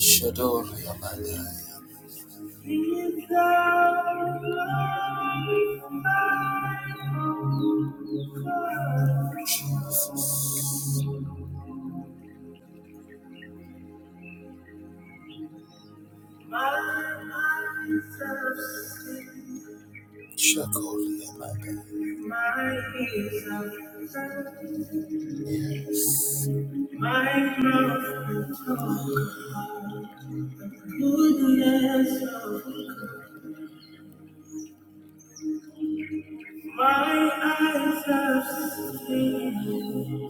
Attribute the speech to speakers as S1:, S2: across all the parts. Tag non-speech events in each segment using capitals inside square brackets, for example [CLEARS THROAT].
S1: Shador Yamada. Shakor Yamada. Yes. My mouth will of the goodness of My eyes have seen.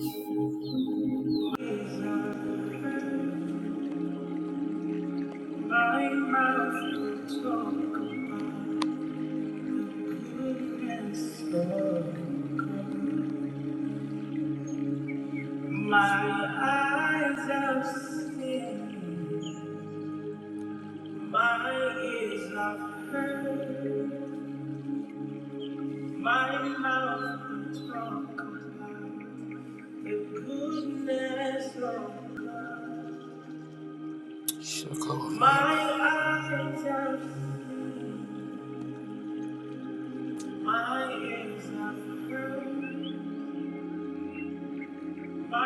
S1: My mouth will talk about the goodness of God. My eyes have seen, my ears have heard. My mouth will talk about the goodness of God. Shaka. My eyes have seen, my ears have heard. Yes,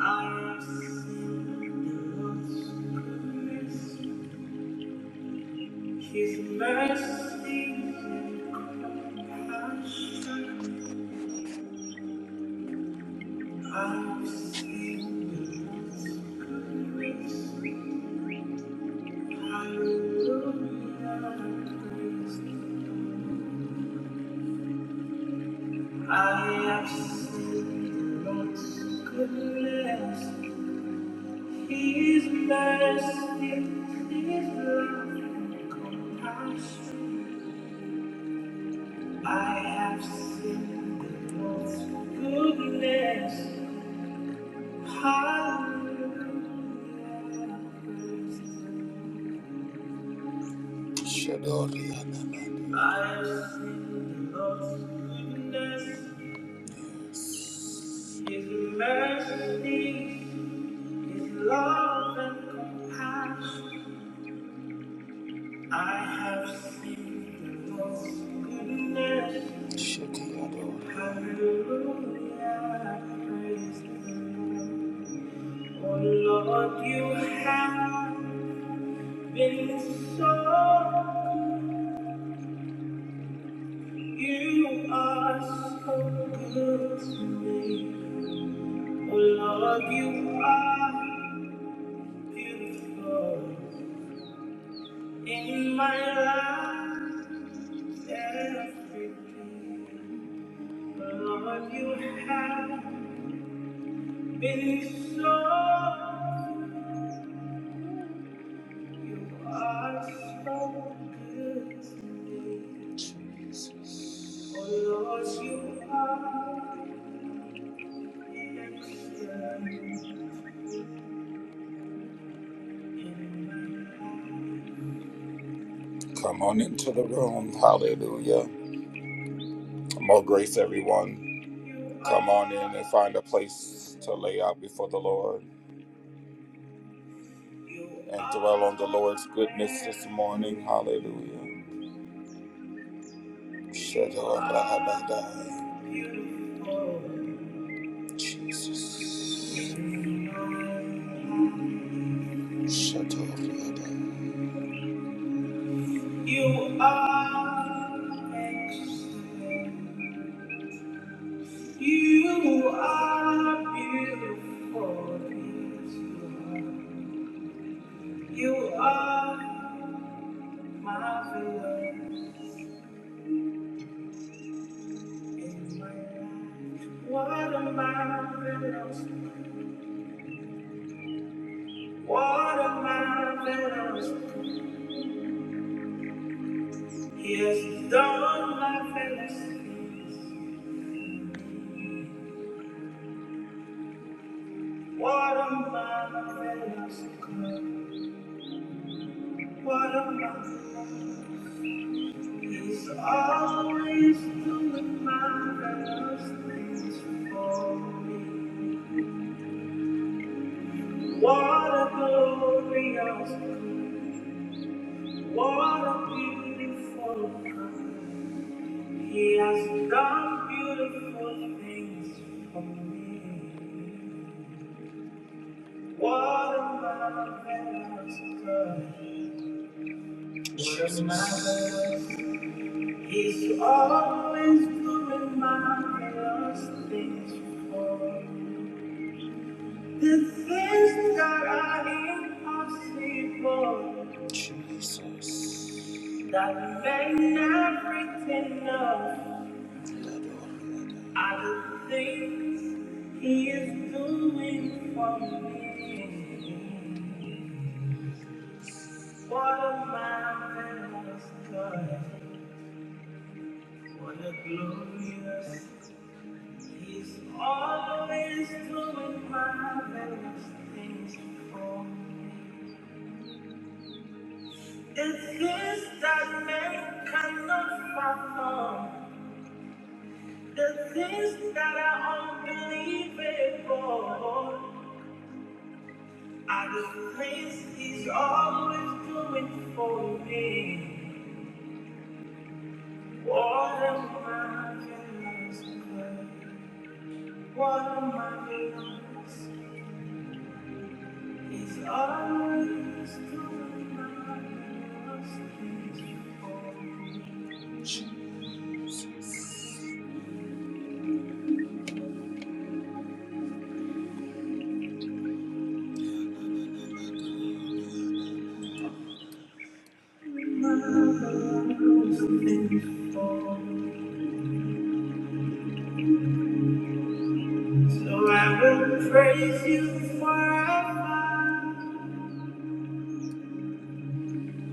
S1: I see His mercy and compassion. I've seen the goodness. Hallelujah, praise the Lord. I have seen the Lord's goodness. His mercy is love and compassion. I have seen the Lord's goodness. Hallelujah. Shadori Anamani. I have seen the Lord's goodness. His mercy is love and compassion. I have seen the Lord's goodness. Hallelujah, praise the Lord. Oh Lord, you have been so good. You are so good to me. Oh Lord, you are beautiful in my life. Everything, oh Lord, you have. Been so, you are so good to me. Jesus. Oh Lord, you are excellent. Come on into the room. Hallelujah. More grace, everyone. Come on in and find a place to lay out before the Lord and dwell on the Lord's goodness this morning. Hallelujah. Shadow of Rahabadai. Jesus. Shatoriada. You are excellent. You are beautiful. You are marvelous. in my life. What a marvelous, what a marvelous. He has done marvelous things. What a magnificent, what a magnificent. He's always doing marvelous things for me. What a glorious, what a beautiful God. He has done beautiful things for me. What a marvelous God. What a marvelous He's always doing marvelous things for me. The things that are impossible. Jesus. That made everything up. Are the things he is doing for me. What a marvelous God. What a glorious He's always doing marvelous things for me. The things that men cannot fathom, the things that are unbelievable, are the things He's always doing for me. What a marvelous God! What a marvelous He's always doing marvelous things for me. Marvelous things So I will praise you forever,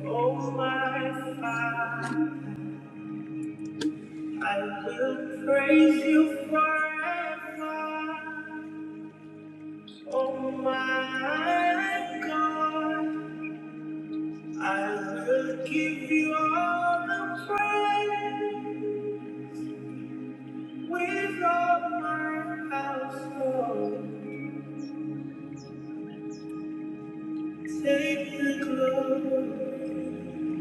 S1: oh my Father. I will praise you forever, oh my God. I will give you all the praise. We've all my household, take the glory,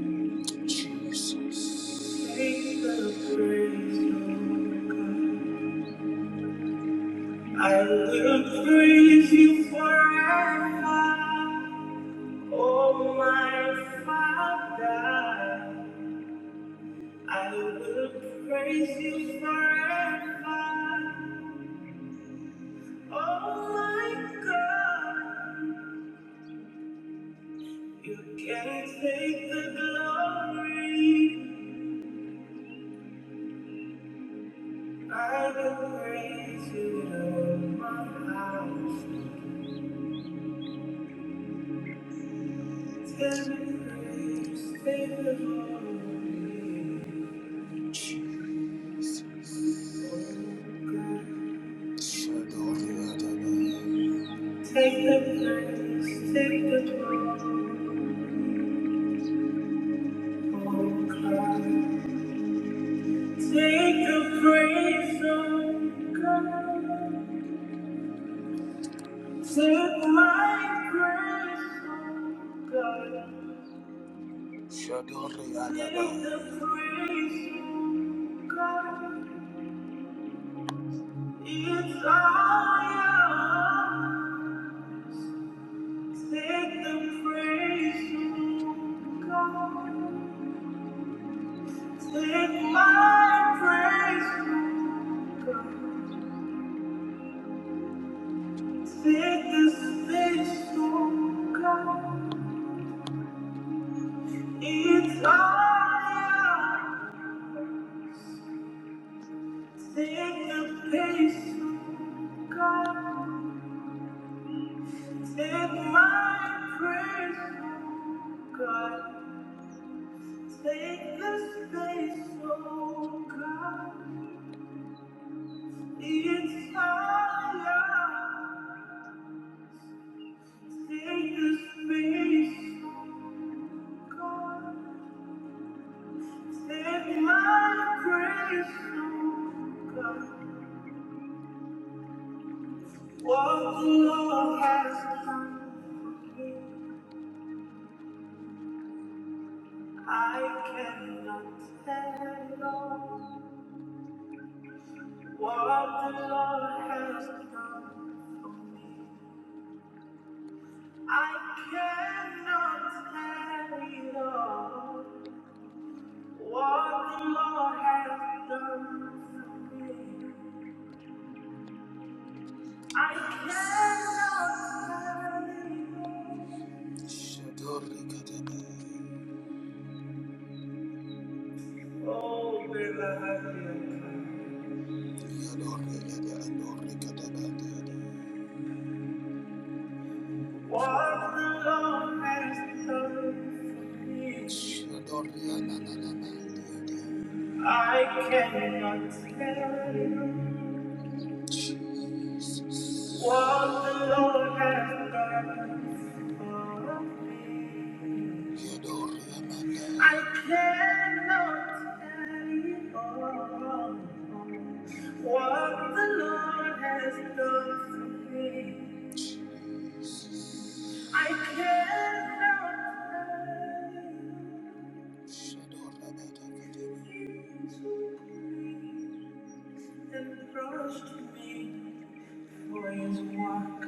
S1: Jesus. take the praise, Lord God. I will praise you forever, oh my Father. I will praise you forever, oh my God. You can't take the glory. I will raise it on my house. Tell me praise, take the glory. Shadow of the Adonai. Take the praise, take the glory, oh God. Take the praise, oh God. Take my grace, oh God. Take the praise, oh God. It's all yours. Take the praise, oh God. Take my praise, oh God. Take the space, oh God. It's all yours. Take the pace, oh God. Take my praise, oh God. Take the space, oh God. It's higher. Take the space, oh God. Take my praise, oh God. What the Lord has done for me, I cannot tell. What the Lord has done. for me. I cannot carry on what the Lord has done for me. I cannot carry on. Shadori kadaba. Oh, Belahaya. Yadori yada adori What the Lord has done for me. Shadori I cannot carry on. What the Lord has done for me. Yodori Amanda. I cannot anymore. What the Lord has done for me. I cannot Shadora He crushed me for his work.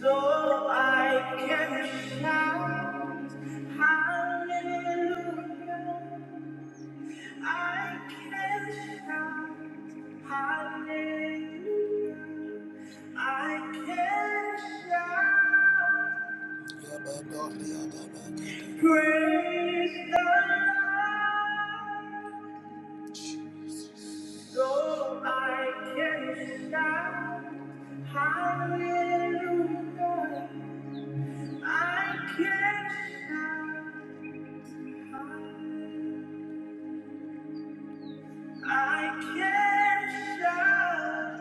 S1: So I can shout hallelujah. I can shout hallelujah. I can shout praise the Lord. So I can shout hallelujah. I can't shout. I can't shout.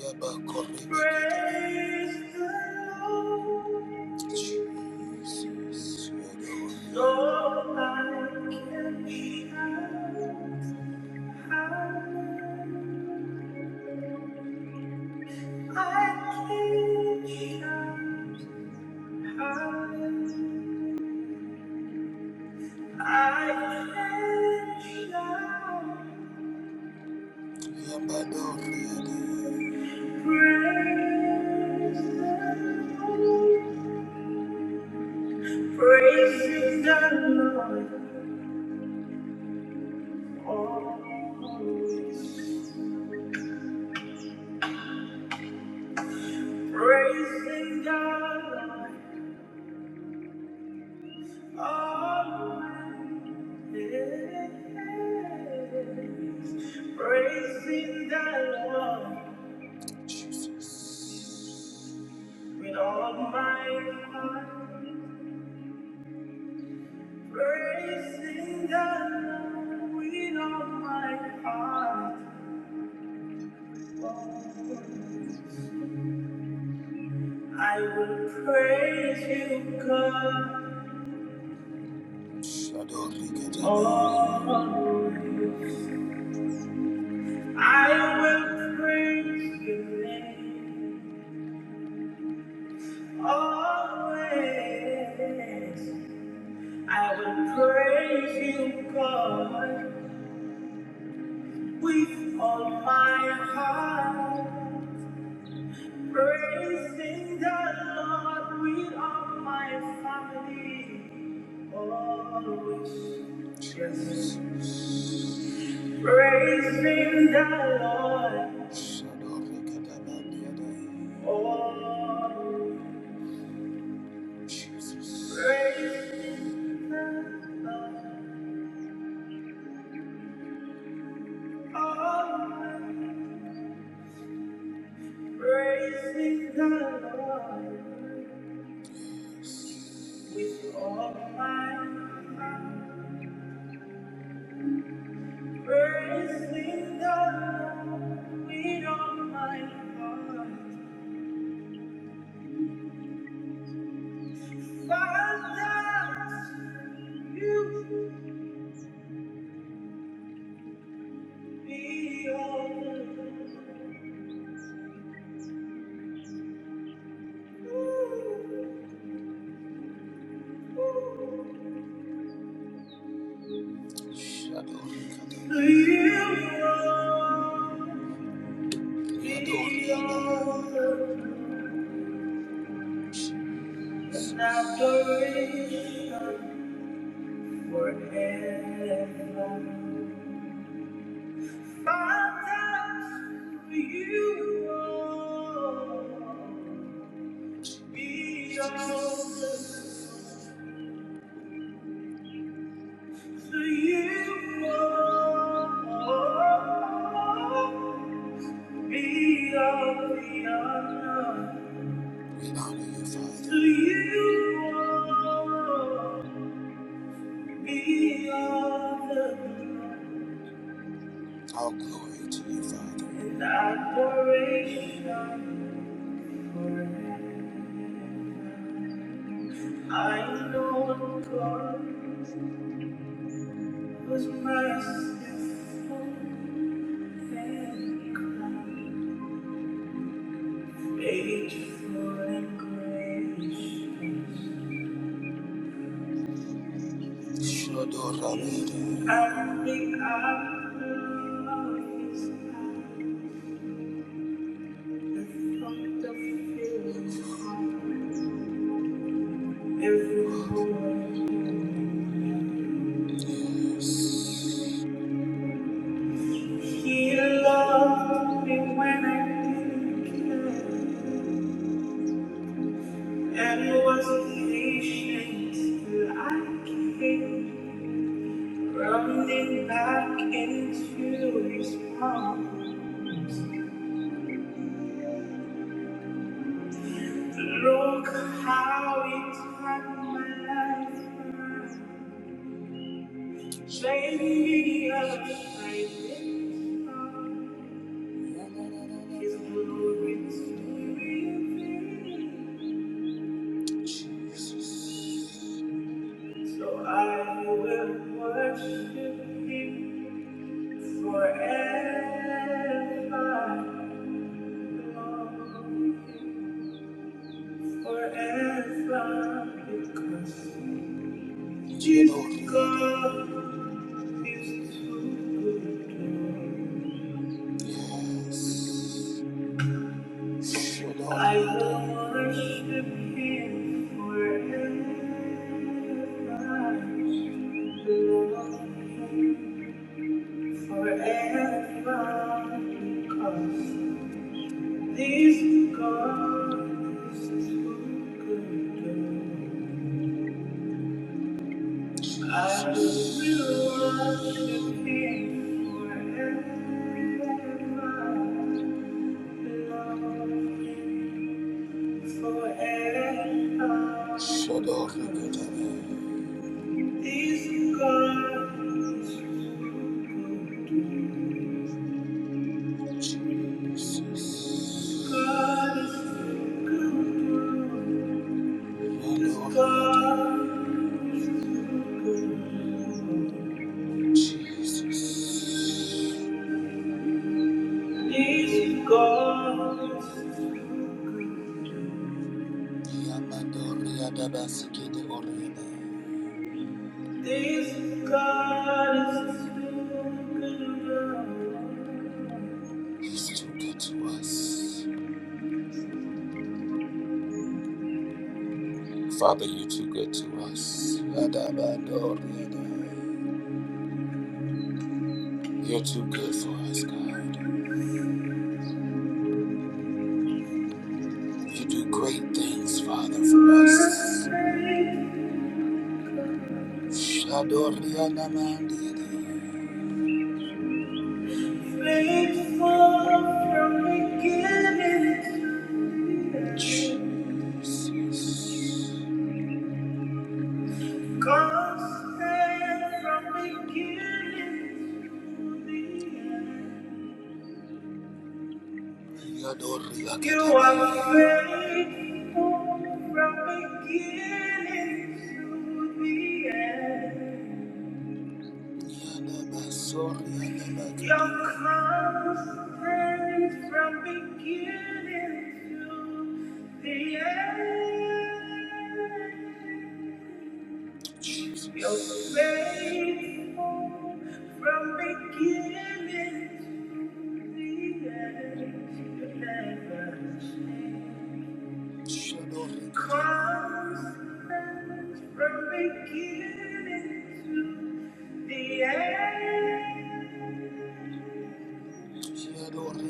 S1: Yabakorebekete. Praise the Lord. Jesus, you're the Lord. So I can not shout. I can shout. I can shout. Praising the Lord always. Praising God always. Praising the Lord with all my heart. Praising the Lord with all my heart. I will praise you, God. all my I will praise your name always. I will praise you, God, with all my heart. Praising the Lord with all my family, always. Yes. Praising the Lord. Shut up, look at that man the other. day. Always. Jesus. Praising the Lord. Always. Praising the Lord with all my Bursting down with all my heart. Father, you be all the Shadow. You are be all the adoration forever. My times for you won't be over. For you won't be over. We honor you, Father. For you won't be over. All glory to you, Father. And adoration forever. I know God was merciful and kind, faithful and gracious. I think I apple of his eye, the thought of heart, every word. He loved me when I didn't care. And was patient till I came running back into his arms. Look how he turned my life around. Showed me a brightening star. His glory to reveal. So I will worship him. Forever, forever, because Yeah, Lord. God is too good. Yes. Sure, Lord. I will worship Him forever, Lord, forever, because. These regards is who could do. I will worship thee forever. Shador Nagutana. These regards is who could do. God is who could do. This God is good. Jesus. This is God. Yamandoria dabasiki de oriana. This God is too He's too good to us. Father, you're too good to us. Adabandoriana. You're too good for us, God. You do great things, Father, for us. good. Shadoriana Faithful from beginning from beginning to the end. You are faithful from beginning to the end. Your constant from beginning to the end. Your faithful from beginning to the end. You never change. Constant from beginning to the end. You are faithful, Father.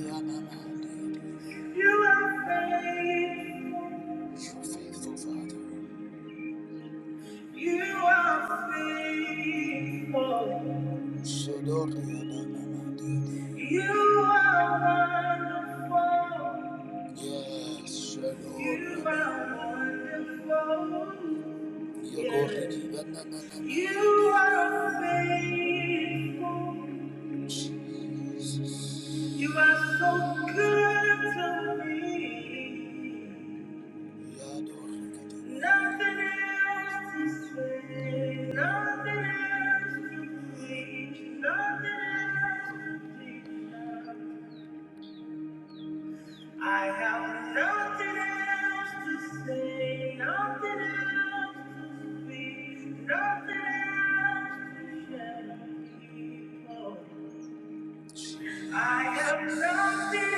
S1: You are faithful. You are wonderful. Yes, You are wonderful. Yes. You are faithful. You are so good to me. Nothing else to say, nothing else to preach, nothing else to teach. I have nothing else to say, nothing else to speak, nothing else to share. with people. I have nothing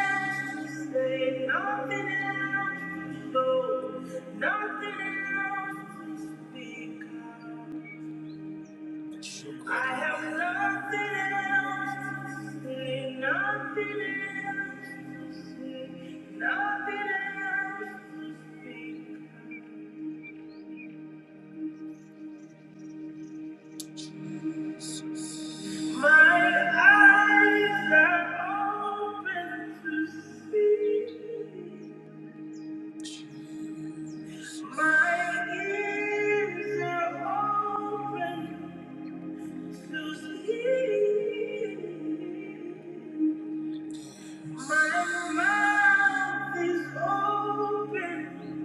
S1: else to say, nothing else to show, nothing else to speak. of. I have nothing else to say, nothing else to say, nothing else to speak. My eyes are open to see. My ears are open to see. My mouth is open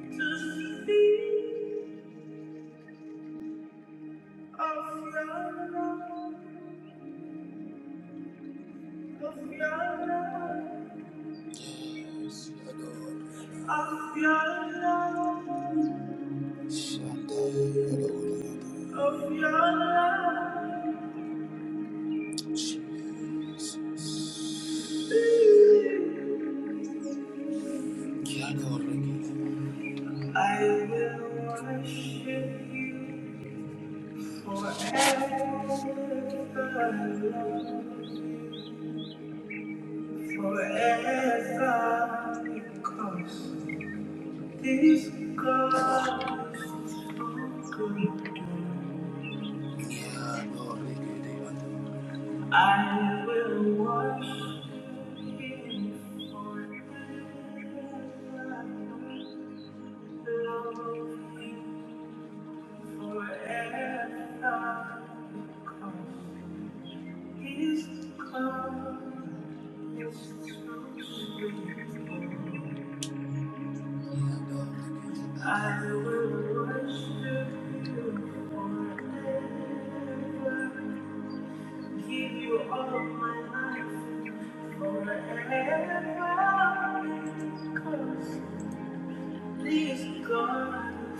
S1: to speak of your love, of your love, of your love, of your love. I will worship you forever, forever, because this God is good. I will worship you forever, love you. Forever His love is close to me. I will worship you forever. Give you all my life forever. Cause please, God,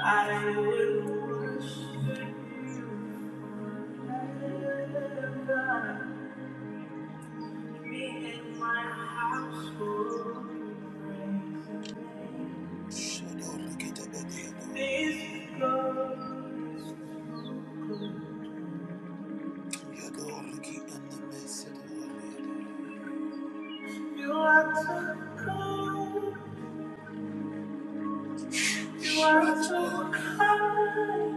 S1: I will worship forever. You are so cool. You are so kind.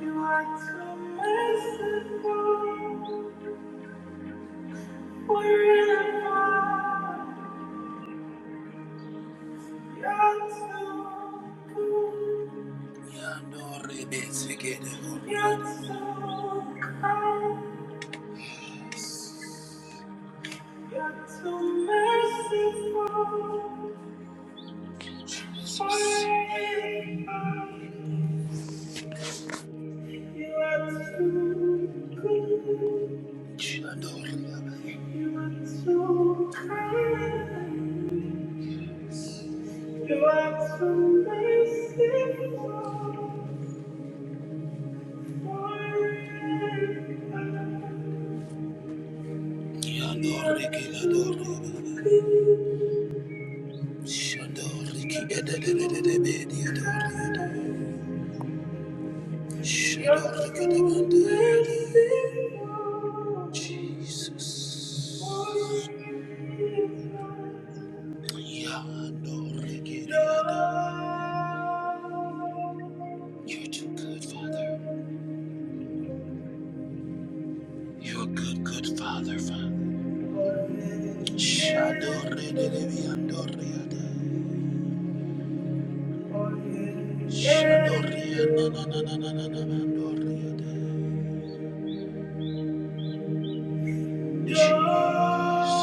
S1: You are so merciful. Where am I? Thank you. Jesus. You're too good, Father. You're a good, good Father, Father. Shadore de Viandoriada. Shandoria na na na na na na na Mandoria de Jesus.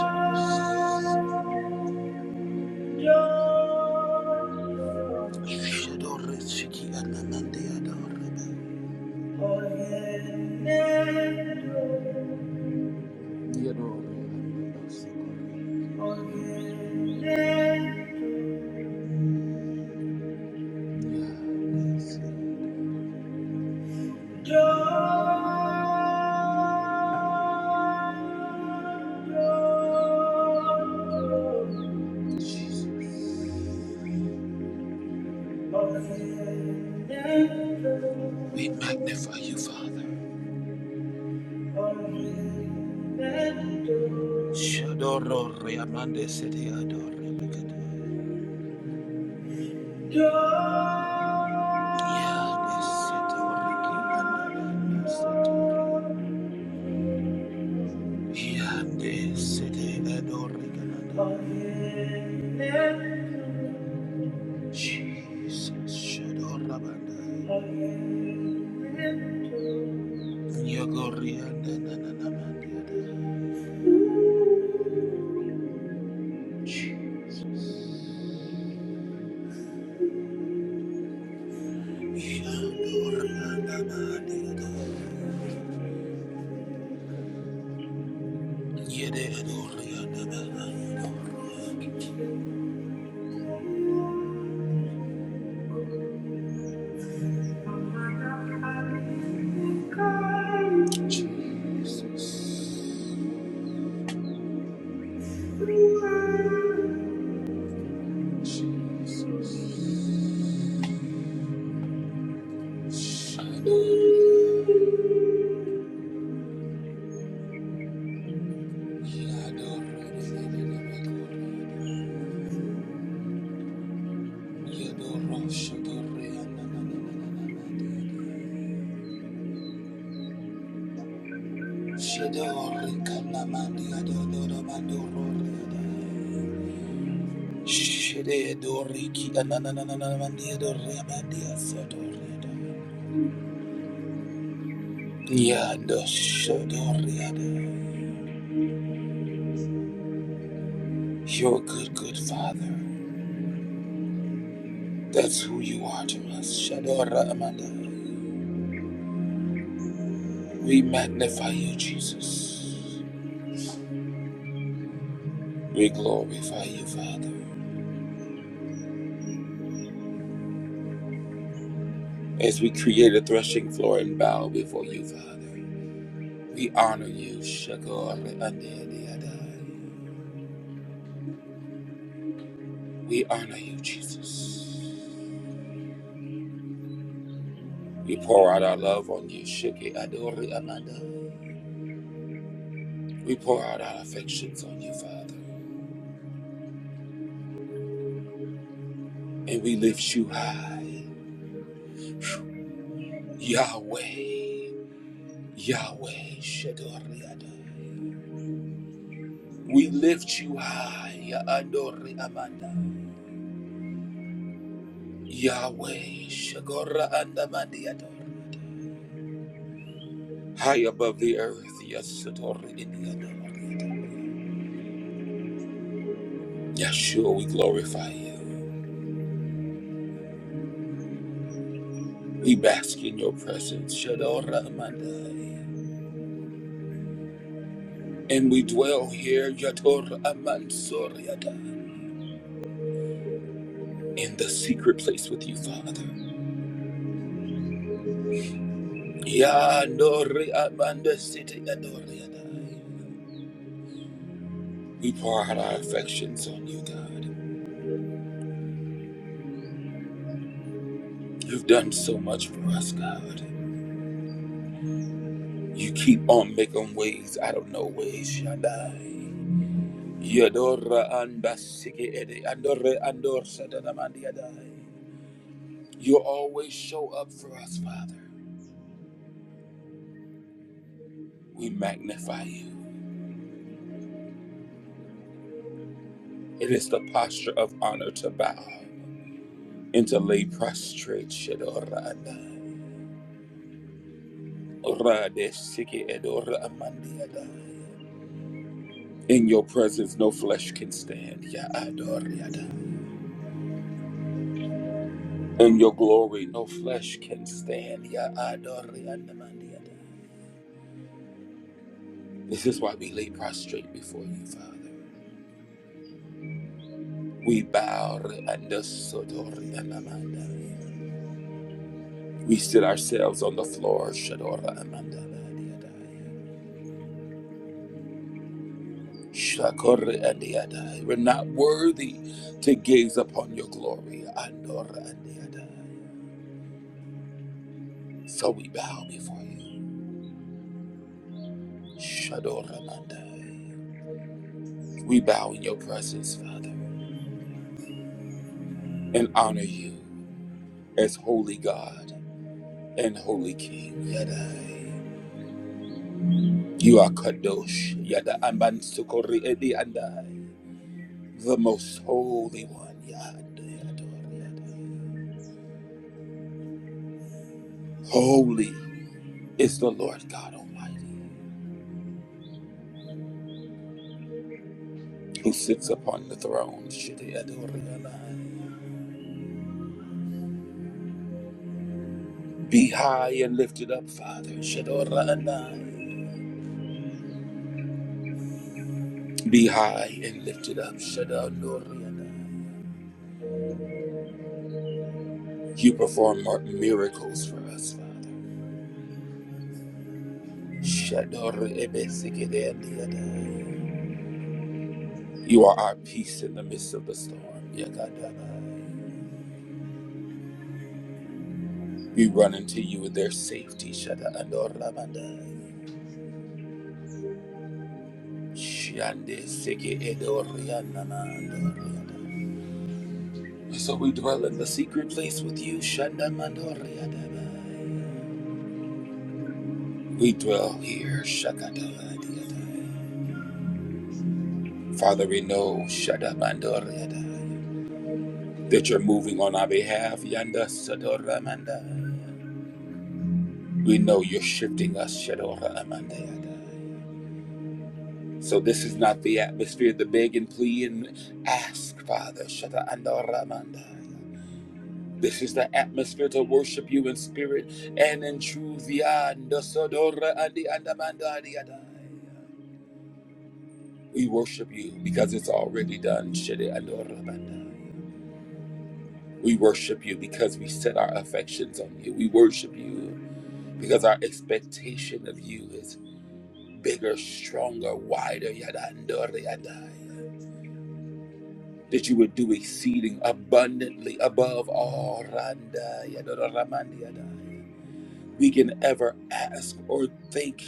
S1: Shadore Siki Anandia Dorebe. Yadore Anandia Dorebe. We magnify you, Father. Shadoro Reamande City Adore Megado. Yande Setori Kimanda Setori. Yande sete edorigana. Jesus shadorabanda. Yagorianda nananamandiada. Yadorigana mandiada. Yede edorigana mandiada. Jesus. You're a good, good father. That's who you are to us. Shadora Amanda. We magnify you, Jesus. We glorify you, Father. As we create a threshing floor and bow before you, Father, we honor you, Shagor Adai. We honor you, Jesus. We pour out our love on you, Shiki Adori Amanda. We pour out our affections on you, Father, and we lift you high, Yahweh, Yahweh Shagor Adai. We lift you high, Adori Amanda. Yahweh Shagora Andamandiador. High above the earth, Yasatori Indianamariador. Yeshua, we glorify you. We bask in your presence, Shadora Amandai. And we dwell here, Yator Amansoriada, in the secret place with you, Father. Yandori Amanda City Adoriadai. We pour out our affections on you, God. You've done so much for us, God. You keep on making ways out of no ways, Shaddai. Yadora anda sigi edi andore andor sadadamandi adai. You always show up for us, Father. We magnify you. It is the posture of honor to bow and to lay prostrate Shadora andai. Ora de sigi edora amandi adai. In your presence, no flesh can stand. Ya adori adai. In your glory, no flesh can stand. Ya adori andamandi adai. This is why we lay prostrate before you, Father. We bow under Sodori Amanda. We sit ourselves on the floor, Shadora Amanda. Shakori Andiadai. We're not worthy to gaze upon your glory, Andora Andiadai. So we bow before you, Shadora Amanda. We bow in your presence, Father, and honor you as holy God and holy King, Yadai. You are Kadosh, Yada Amban Sukori Edi Andai, the most holy one, Yada Yada Yada. Holy is the Lord God Almighty, who sits upon the throne, Shidi Adori Andai. Be high and lifted up, Father, Shadora Andai. Be high and lifted up, Shadori Andai. You perform mir- miracles for us, Father. Shadori Ebesikide Andi Andai. You are our peace in the midst of the storm. Yakadabaya. We run into you with their safety. Shada Andorabandai. Shande Seke Edorianamandoriada. So we dwell in the secret place with you. Shanda Mandoriadabai. We dwell here. Shakadadiadai. Father, we know Shada Mandoriadai, that you're moving on our behalf. Yanda Sadora Mandai. We know you're shifting us. Shadora Amandai. So this is not the atmosphere to beg and plead and ask, Father. Shata andoramanda. This is the atmosphere to worship you in spirit and in truth. We worship you because it's already done. We worship you because we set our affections on you. We worship you because our expectation of you is bigger, stronger, wider. that you would do exceeding abundantly above all we can ever ask or think.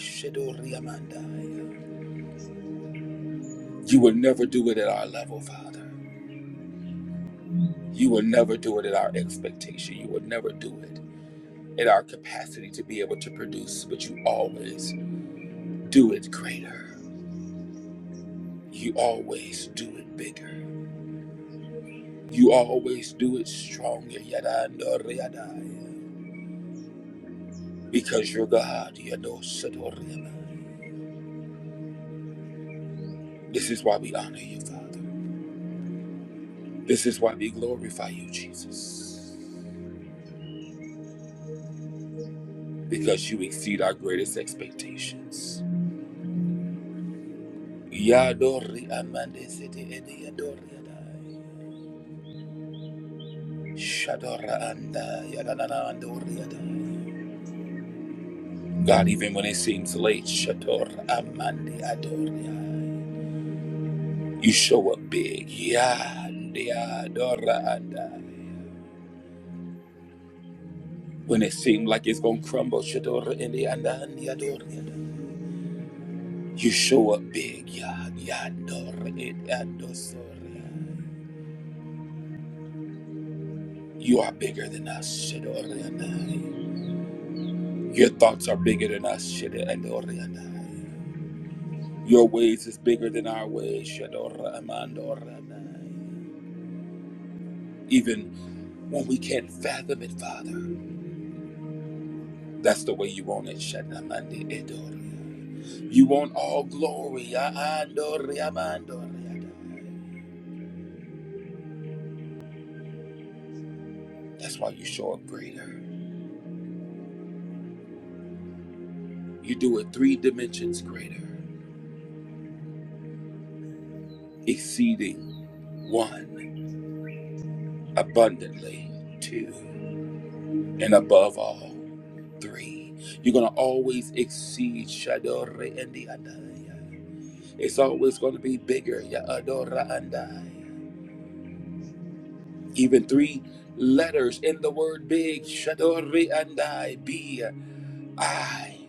S1: You will never do it at our level, Father. You will never do it at our expectation. You will never do it at our capacity to be able to produce, but you always do it greater. You always do it bigger. You always do it stronger. Because you're God. This is why we honor you, Father. This is why we glorify you, Jesus. Because you exceed our greatest expectations. Yadori amande sete ede yadori adai. Shadora anda yadanana andori adai. God, even when it seems late, Shador Amandi Adori. adai. You show up big. Yandi Adora Andai. When it seemed like it's gonna crumble, Shador Indi Andani Adori. adai, You show up big, Yad Yador Ed Adosor. You are bigger than us, Shadorianai. Your thoughts are bigger than us, Shadorianai. Your ways is bigger than our ways, Shadora Amandoranai. Even when we can't fathom it, Father, that's the way you want it, Shadamandi Edoria. You want all glory, Yadori Amandorianai. That's why you show up greater. You do it three dimensions greater. exceeding one, abundantly two, and above all three. You're going to always exceed Shadore and the Adaya. It's always going to be bigger, Ya Adora Andai. Even three letters in the word big, Shadore Andai, B, I.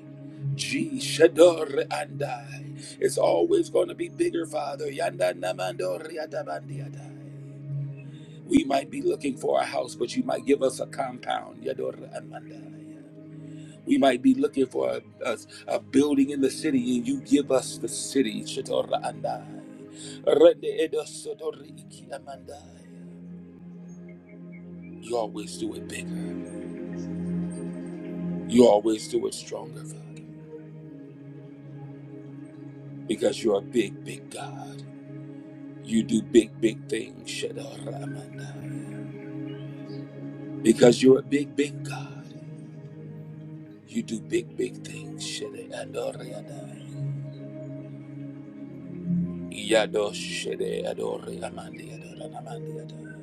S1: G Shadore and I. It's always going to be bigger, Father. Yanda namando riatabandiadai. We might be looking for a house, but you might give us a compound. Yadora Amanda. We might be looking for a, a, a building in the city, and you give us the city. Shatora Andai. Rende Edo Sotori Iki You always do it bigger. You always do it stronger, Father, because you're a big, big God. You do big, big things. Shatora Amandai. Because you're a big, big God. You do big, big things. Shede Andoriadai. Yado shede adore amandi adore amandi adore.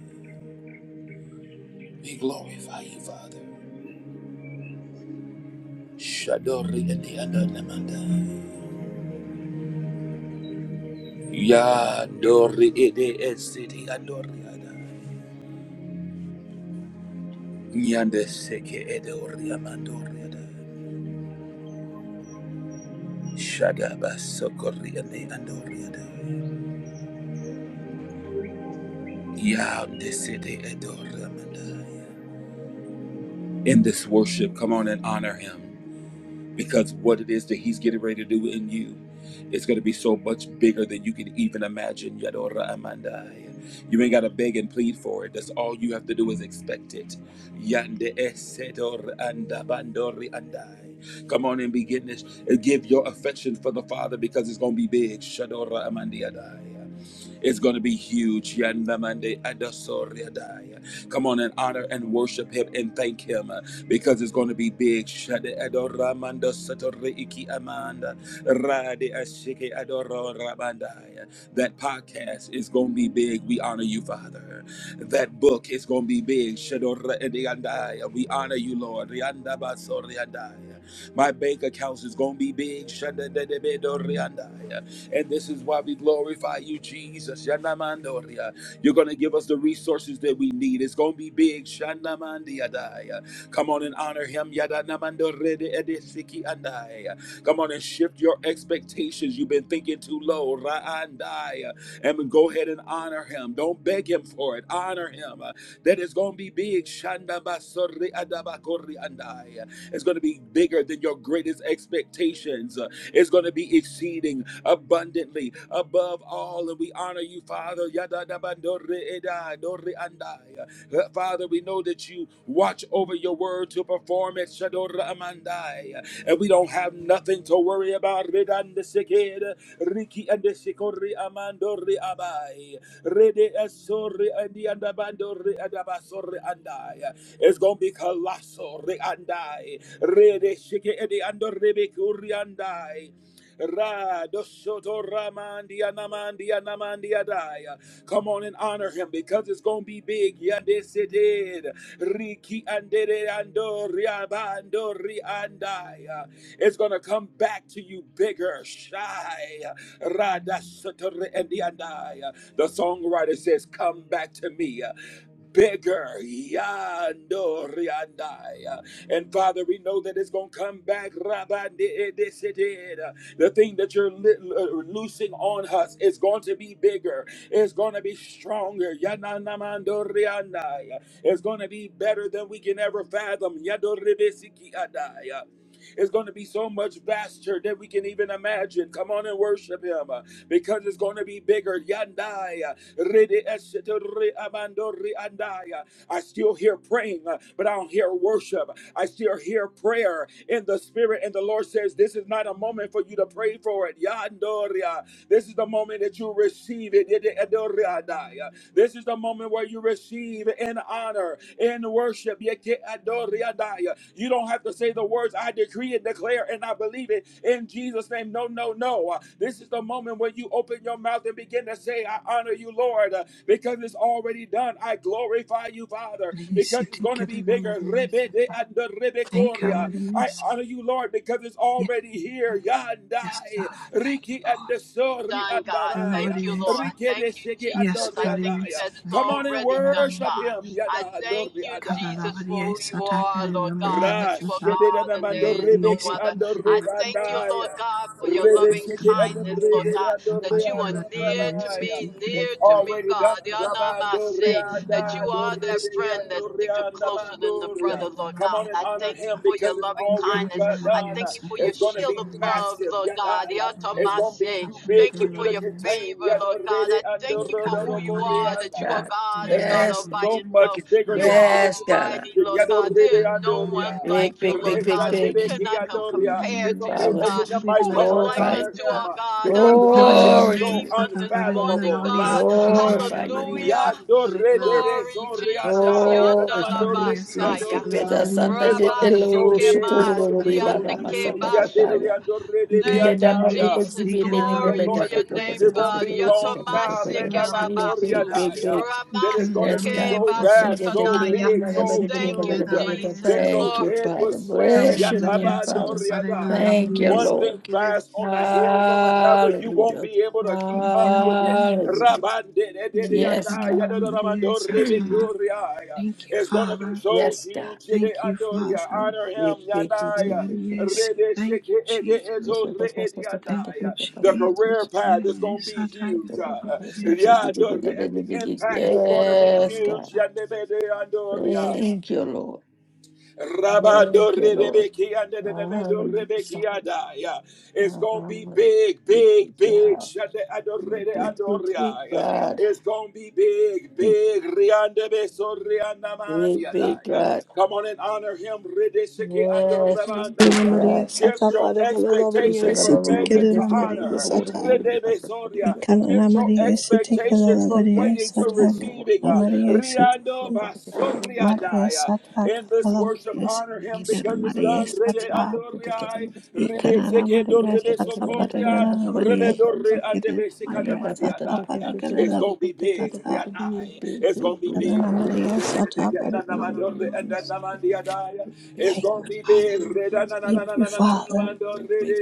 S1: We glorify you, Father. Shadori ede adore amanda. Yadori ede esiti adore ada. Nyande seke ede ori amandore ada. Shadaba sokori ede adore ada. Yande sede adore amanda. In this worship, come on and honor him. because what it is that he's getting ready to do in you it's going to be so much bigger than you can even imagine yadora amandai you ain't got to beg and plead for it that's all you have to do is expect it Yande esedor anda bandori andai. come on and begin this give your affection for the father because it's going to be big shadora amandiadai it's going to be huge. Yandamande adasoriadai. Come on and honor and worship him and thank him because it's going to be big. Shade adoramanda satore iki amanda rade ashike adoro That podcast is going to be big. We honor you, Father. That book is going to be big. Shadora ediandaya. We honor you, Lord. Rianda baso riandaya. My bank accounts is going to be big. Shade de de be do riandaya. And this is why we glorify you, Jesus. Yanamandoria. You're going to give us the resources that we need. It's going to be big. Shanamandiadaya. Come on and honor him. Come on and shift your expectations. You've been thinking too low. And go ahead and honor him. Don't beg him for it. Honor him. That is going to be big. Is going to be bigger than your greatest expectations. Uh, It's going to be exceeding abundantly above all. And we honor you, Father. e Uh, Father, we know that you watch over your word to perform it. And we don't we don't have nothing to worry about. Redan the Redandeseked, Riki and the Sikori Amandori Abai. Rede Esori and the Andabandori Adabasori and I. It's gonna be colossal. Re and I. Rede Shiki and the Andoribikuri and I. Radosoto Ramandia Namandia Namandia Daya. Come on and honor him because it's gonna be big. Yadesidid. Riki andere ando riabando riandaya. It's gonna come back to you bigger. Shy. Radasoto andaya. The songwriter says, Come back to me bigger. Yandoriandai. And Father, we know that it's going to come back. Rabandidisited. The thing that you're li- uh, loosing on us is going to be bigger. It's going to be stronger. Yananamandoriandai. It's going to be better than we can ever fathom. Yadoribisikiadai is going to be so much vaster than we can even imagine. Come on and worship Him uh, because it's going to be bigger. Yandai, uh, ridi esete andai, uh, I still hear praying, uh, but I don't hear worship. I still hear prayer in the spirit, and the Lord says, This is not a moment for you to pray for it. Yandoria. This is the moment that you receive it. Yede adoriadaya. This is the moment where you receive in honor, in worship. Yeke adoriadaya. You don't have to say the words, I decree and declare and I believe it in Jesus' name. No, no, no. Uh, This is the moment when you open your mouth and begin to say, I honor you, Lord, uh, because it's already done. I glorify you, Father,
S2: Maria
S1: because it's
S2: City,
S1: going to
S2: get
S1: be
S2: it on
S1: bigger.
S2: Maria
S1: Rebe de
S2: Sata.
S1: anda rebe
S2: Thank you,
S1: koria.
S2: Maria
S1: I
S2: Sata.
S1: honor you, Lord, because it's
S2: Yes,
S1: already here.
S2: yes, God.
S1: Yandai.
S2: Thank you,
S1: Riki and
S2: Lord.
S1: the Sori
S3: done,
S1: and
S3: God.
S2: The Lord,
S1: Daraya.
S3: Thank you, Lord.
S2: Sata.
S1: Riki
S3: Thank
S1: de
S3: you,
S1: Shiki and
S2: Yes,
S3: Jesus.
S1: Dori
S3: I
S1: and
S3: thank
S2: Maria
S3: you
S1: Daya.
S3: that it's
S1: Come
S2: Sata.
S1: on and
S3: already done,
S2: Maria
S1: worship
S2: Sata.
S3: God.
S1: him.
S3: I
S1: Yada
S3: thank
S1: Dori
S3: you,
S1: Adai.
S2: Kalala
S3: Jesus, for
S2: Maria
S3: who you
S2: Sata.
S3: are, Lord
S2: Kalala
S3: God,
S2: Maria
S1: Ra
S3: that you are
S2: Sata.
S1: shedede
S3: God
S1: na
S3: and
S1: mando
S2: Kalala
S3: there is
S2: Maria
S3: no other.
S2: Sata.
S3: I
S2: Kalala
S3: thank
S2: Maria
S3: you,
S2: Sata.
S3: Lord
S1: rebandaya.
S3: God, for your
S1: Rede
S3: loving
S1: shiki
S2: Kalala
S1: ando
S3: kindness, Lord
S2: Maria
S1: rede
S3: God,
S2: Sata.
S1: ando re
S3: that you are
S2: Padagala
S1: ando
S3: near
S2: Maria
S3: to
S1: rabaya.
S3: me,
S2: City, get it
S1: It's
S3: near to
S2: Maria.
S3: me,
S1: already done.
S3: God. The honor I
S1: Rabando
S3: say that
S2: Kalala
S3: you
S1: reada do
S3: are
S2: Maria
S3: that
S1: rede
S2: Sata.
S3: friend that
S1: ando
S3: sticketh
S1: reanda
S3: closer than the
S1: mandoria.
S3: brother, Lord
S2: Kalala
S1: Come
S3: God.
S1: on and
S3: I
S1: honor
S3: thank you
S1: him
S3: for
S1: because
S3: your
S1: it's
S3: loving
S1: already
S3: kindness.
S1: got
S3: I
S2: Maria
S1: done.
S3: thank you for
S2: Sata. Kalala
S3: your
S1: It's gonna
S3: shield
S1: be
S3: of
S2: Maria Sata.
S3: love,
S1: massive.
S3: Lord God. The
S1: Yadaya.
S3: honor
S1: It's
S3: I
S2: Maria,
S1: gonna
S3: say.
S1: be too big
S3: Thank
S1: for
S3: you
S1: you
S2: Maria,
S3: for
S1: to
S3: your
S2: Maria,
S1: contain.
S3: favor,
S2: Santa,
S1: Yada
S3: Lord God. I
S1: rede
S3: thank
S1: ando
S3: you for
S1: rodo
S3: who
S2: Ikanana
S1: do
S3: you are,
S2: Maria,
S3: that you
S1: koreanda.
S3: are
S2: Santa,
S4: God.
S3: God
S1: It's
S3: and
S1: gonna
S3: God
S2: Maria,
S3: all
S4: Yes,
S1: be
S3: by
S2: Maria,
S1: so much
S3: yourself.
S1: bigger
S2: Ikanana
S3: You
S2: Maria,
S3: are
S1: than
S4: yes, God.
S3: almighty, Lord God. There is
S2: Ikanana
S3: no one
S2: Maria, Santa,
S4: Big,
S3: like you,
S4: big,
S3: Lord
S4: big,
S2: Maria,
S4: big,
S3: God. Who
S4: big.
S2: Maria,
S3: cannot
S2: Santa,
S3: com-
S2: Maria,
S3: compare
S1: it's
S3: to
S2: Maria,
S3: you,
S1: okay,
S4: Father,
S2: Santa,
S3: God?
S1: open your mics,
S3: Who is
S1: come
S2: Ikanana
S1: on and
S3: like
S2: Maria,
S4: glorify you.
S1: honor
S3: unto our
S1: him
S3: God? I
S1: because it's going to
S3: bless your
S1: be
S4: Glory to
S1: so
S3: name
S4: you.
S3: on
S2: Santa, Maria, Maria, Santa, Maria,
S3: this
S2: Santa, Maria,
S3: morning,
S1: unfathomable.
S2: Maria,
S3: God.
S2: Santa,
S1: Rakaya.
S4: Glorify your
S2: Maria,
S4: name.
S2: Santa,
S3: Hallelujah.
S2: Maria,
S1: Yadorede
S3: Glory, Jesus. Yonder
S4: Glorify you.
S2: Maria,
S4: Big,
S2: Santa,
S3: Messiah.
S4: big, big. Asanda
S1: It's
S4: le
S1: going to
S3: Rabbi
S1: be so
S4: eloro
S2: Maria,
S1: big,
S2: Santa,
S1: it's
S4: shukuru
S3: Shikema,
S1: going to be
S4: lorori
S1: so
S4: bara
S2: Maria,
S3: Siandeke
S2: Maria,
S1: huge.
S4: masata
S3: Basu.
S4: tataya. Mide
S3: Thank
S2: Ikanina
S3: you,
S4: dama
S2: Maria
S4: gubo
S3: Jesus.
S4: zibi
S2: Sitikala
S4: bene
S3: Glory
S1: The
S4: mebe
S2: Maria
S3: to
S1: Lord
S4: dapa
S3: your
S4: popo
S3: name,
S1: decrees
S4: tepe
S1: it
S2: Sitikala
S4: tepe
S1: won't
S3: God.
S1: be
S4: tepe
S2: Maria
S4: tepe
S1: long
S4: tepe
S2: Satabakala
S1: now.
S3: Yatomasike
S4: tepe tepe.
S2: Maria
S4: Big, big,
S3: labasu,
S4: big, big.
S1: Redamandoriadaya. That it's going to
S2: Ikanina
S4: Yes,
S3: ramasike
S1: be
S4: God.
S2: Maria
S1: so
S4: Yes,
S1: vast,
S4: indeed, they
S1: so
S2: Satabakala
S4: came
S3: basutanaya.
S4: in,
S1: big,
S4: my
S2: Maria
S4: God, but they
S1: so
S4: were
S3: Thank you,
S4: not
S1: huge
S2: Sitikala
S4: able to-
S2: Maria
S3: Jesus.
S1: that
S2: Satakana
S1: your
S4: Thank you,
S3: Glory.
S1: head will
S4: Father.
S1: swim.
S4: Bless your
S2: Maria
S4: name, Father.
S1: Yatabandoriadaya.
S2: Satabakala
S4: Thank you,
S2: Maria
S1: One
S4: Lord.
S1: thing
S2: Sitikala
S1: fast on the
S2: Maria
S1: heels of another, you won't
S4: Hallelujah.
S1: be able to keep
S2: Thank
S1: up
S2: you,
S1: with it.
S2: Maria.
S4: Hallelujah.
S1: Rabande,
S4: Yes, God.
S2: Ikanina
S1: it's
S2: Maria Sata.
S4: [CLEARS THROAT]
S2: Thank you,
S1: going to be
S2: Father.
S1: so
S4: Yes, God.
S1: huge. Yede
S2: Thank you, Father.
S1: Andoria.
S4: Yes,
S2: Thank
S4: God.
S1: Honor
S4: Big,
S1: him.
S4: big, big,
S2: You
S4: big,
S1: Yandaya.
S4: big, big,
S2: Maria
S4: big.
S2: Si
S1: Rede
S2: Thank you,
S1: Sheke Ede
S4: Yes,
S1: Ezo
S2: Jesus.
S4: Lord.
S1: Re
S4: Yes, yes,
S1: Ede
S4: yes,
S2: Thank you,
S1: Yandaya.
S4: yes,
S1: The career
S2: Jesus.
S1: path is
S2: Maria
S1: going to be
S2: Sata.
S1: huge.
S4: yes,
S1: Uh,
S4: yes, yes, yes,
S1: Yadore- The
S4: yes, yes, yes.
S1: impact is going to be
S4: Yes, God.
S1: huge. Yandebe De Andoria.
S4: Thank you, Lord.
S1: Rabando
S4: Thank you, Lord.
S1: Rebeki and the Nemendo Rebeki
S4: Hallelujah.
S1: Adaya. It's gonna be
S4: Um,
S1: big,
S4: big, big
S1: big, big.
S4: God.
S1: Shade
S4: You're
S1: Adorede
S4: big, big, big
S1: Andoria.
S4: God.
S1: It's gonna be big, big. Riande Beso Rianda
S4: Big, big
S1: Mandiadaya.
S4: God.
S1: Come on and honor him. Redeshiki
S4: Yes, big, big
S2: Ave
S1: Andorabandaya.
S4: God.
S2: Maria, Santa
S1: Shift your
S2: Paragala
S4: You
S2: Maria,
S4: said
S1: expectations
S4: I'm a
S1: from
S2: Siti
S4: room my
S1: begging to
S2: Kirana
S4: guest to believe
S2: Maria,
S1: honor.
S4: the water and give
S2: Santa
S4: it to my friend.
S1: Redebesoria. Keep
S2: Ikanana
S1: your
S2: Maria, Siti
S1: expectations
S2: Kalala
S1: from
S2: Maria,
S1: waiting to
S2: Santa
S1: receiving.
S2: Kalala Maria,
S1: Ria
S2: Siti
S1: no baso ria
S2: Maria,
S1: dai.
S2: Santa
S1: In this
S2: Kalala
S1: worship,
S2: Maria,
S1: honor
S2: Siti
S1: him
S2: Kirana
S1: because it's
S2: Maria,
S1: done. Ria
S2: Santa
S1: no ria. Ribe
S2: Ikanana
S1: seke dor
S2: Maria,
S1: ribe
S2: Santa
S1: sokoria.
S2: Paragala Maria,
S1: Ribe dor
S2: Siti
S1: ria de
S2: Kirana
S1: bese
S2: Maria,
S1: kanamadi
S2: Santa
S1: dai. It's
S2: Paragala
S1: gonna be big.
S2: Santa
S1: Ria dai. It's gonna be big.
S2: Kalala Maria, Santa
S1: Kanamadi
S2: Paragala
S1: ria. It's
S2: Thank
S1: gonna
S2: you,
S1: be big.
S2: Father.
S1: Ria
S2: Thank you, Father.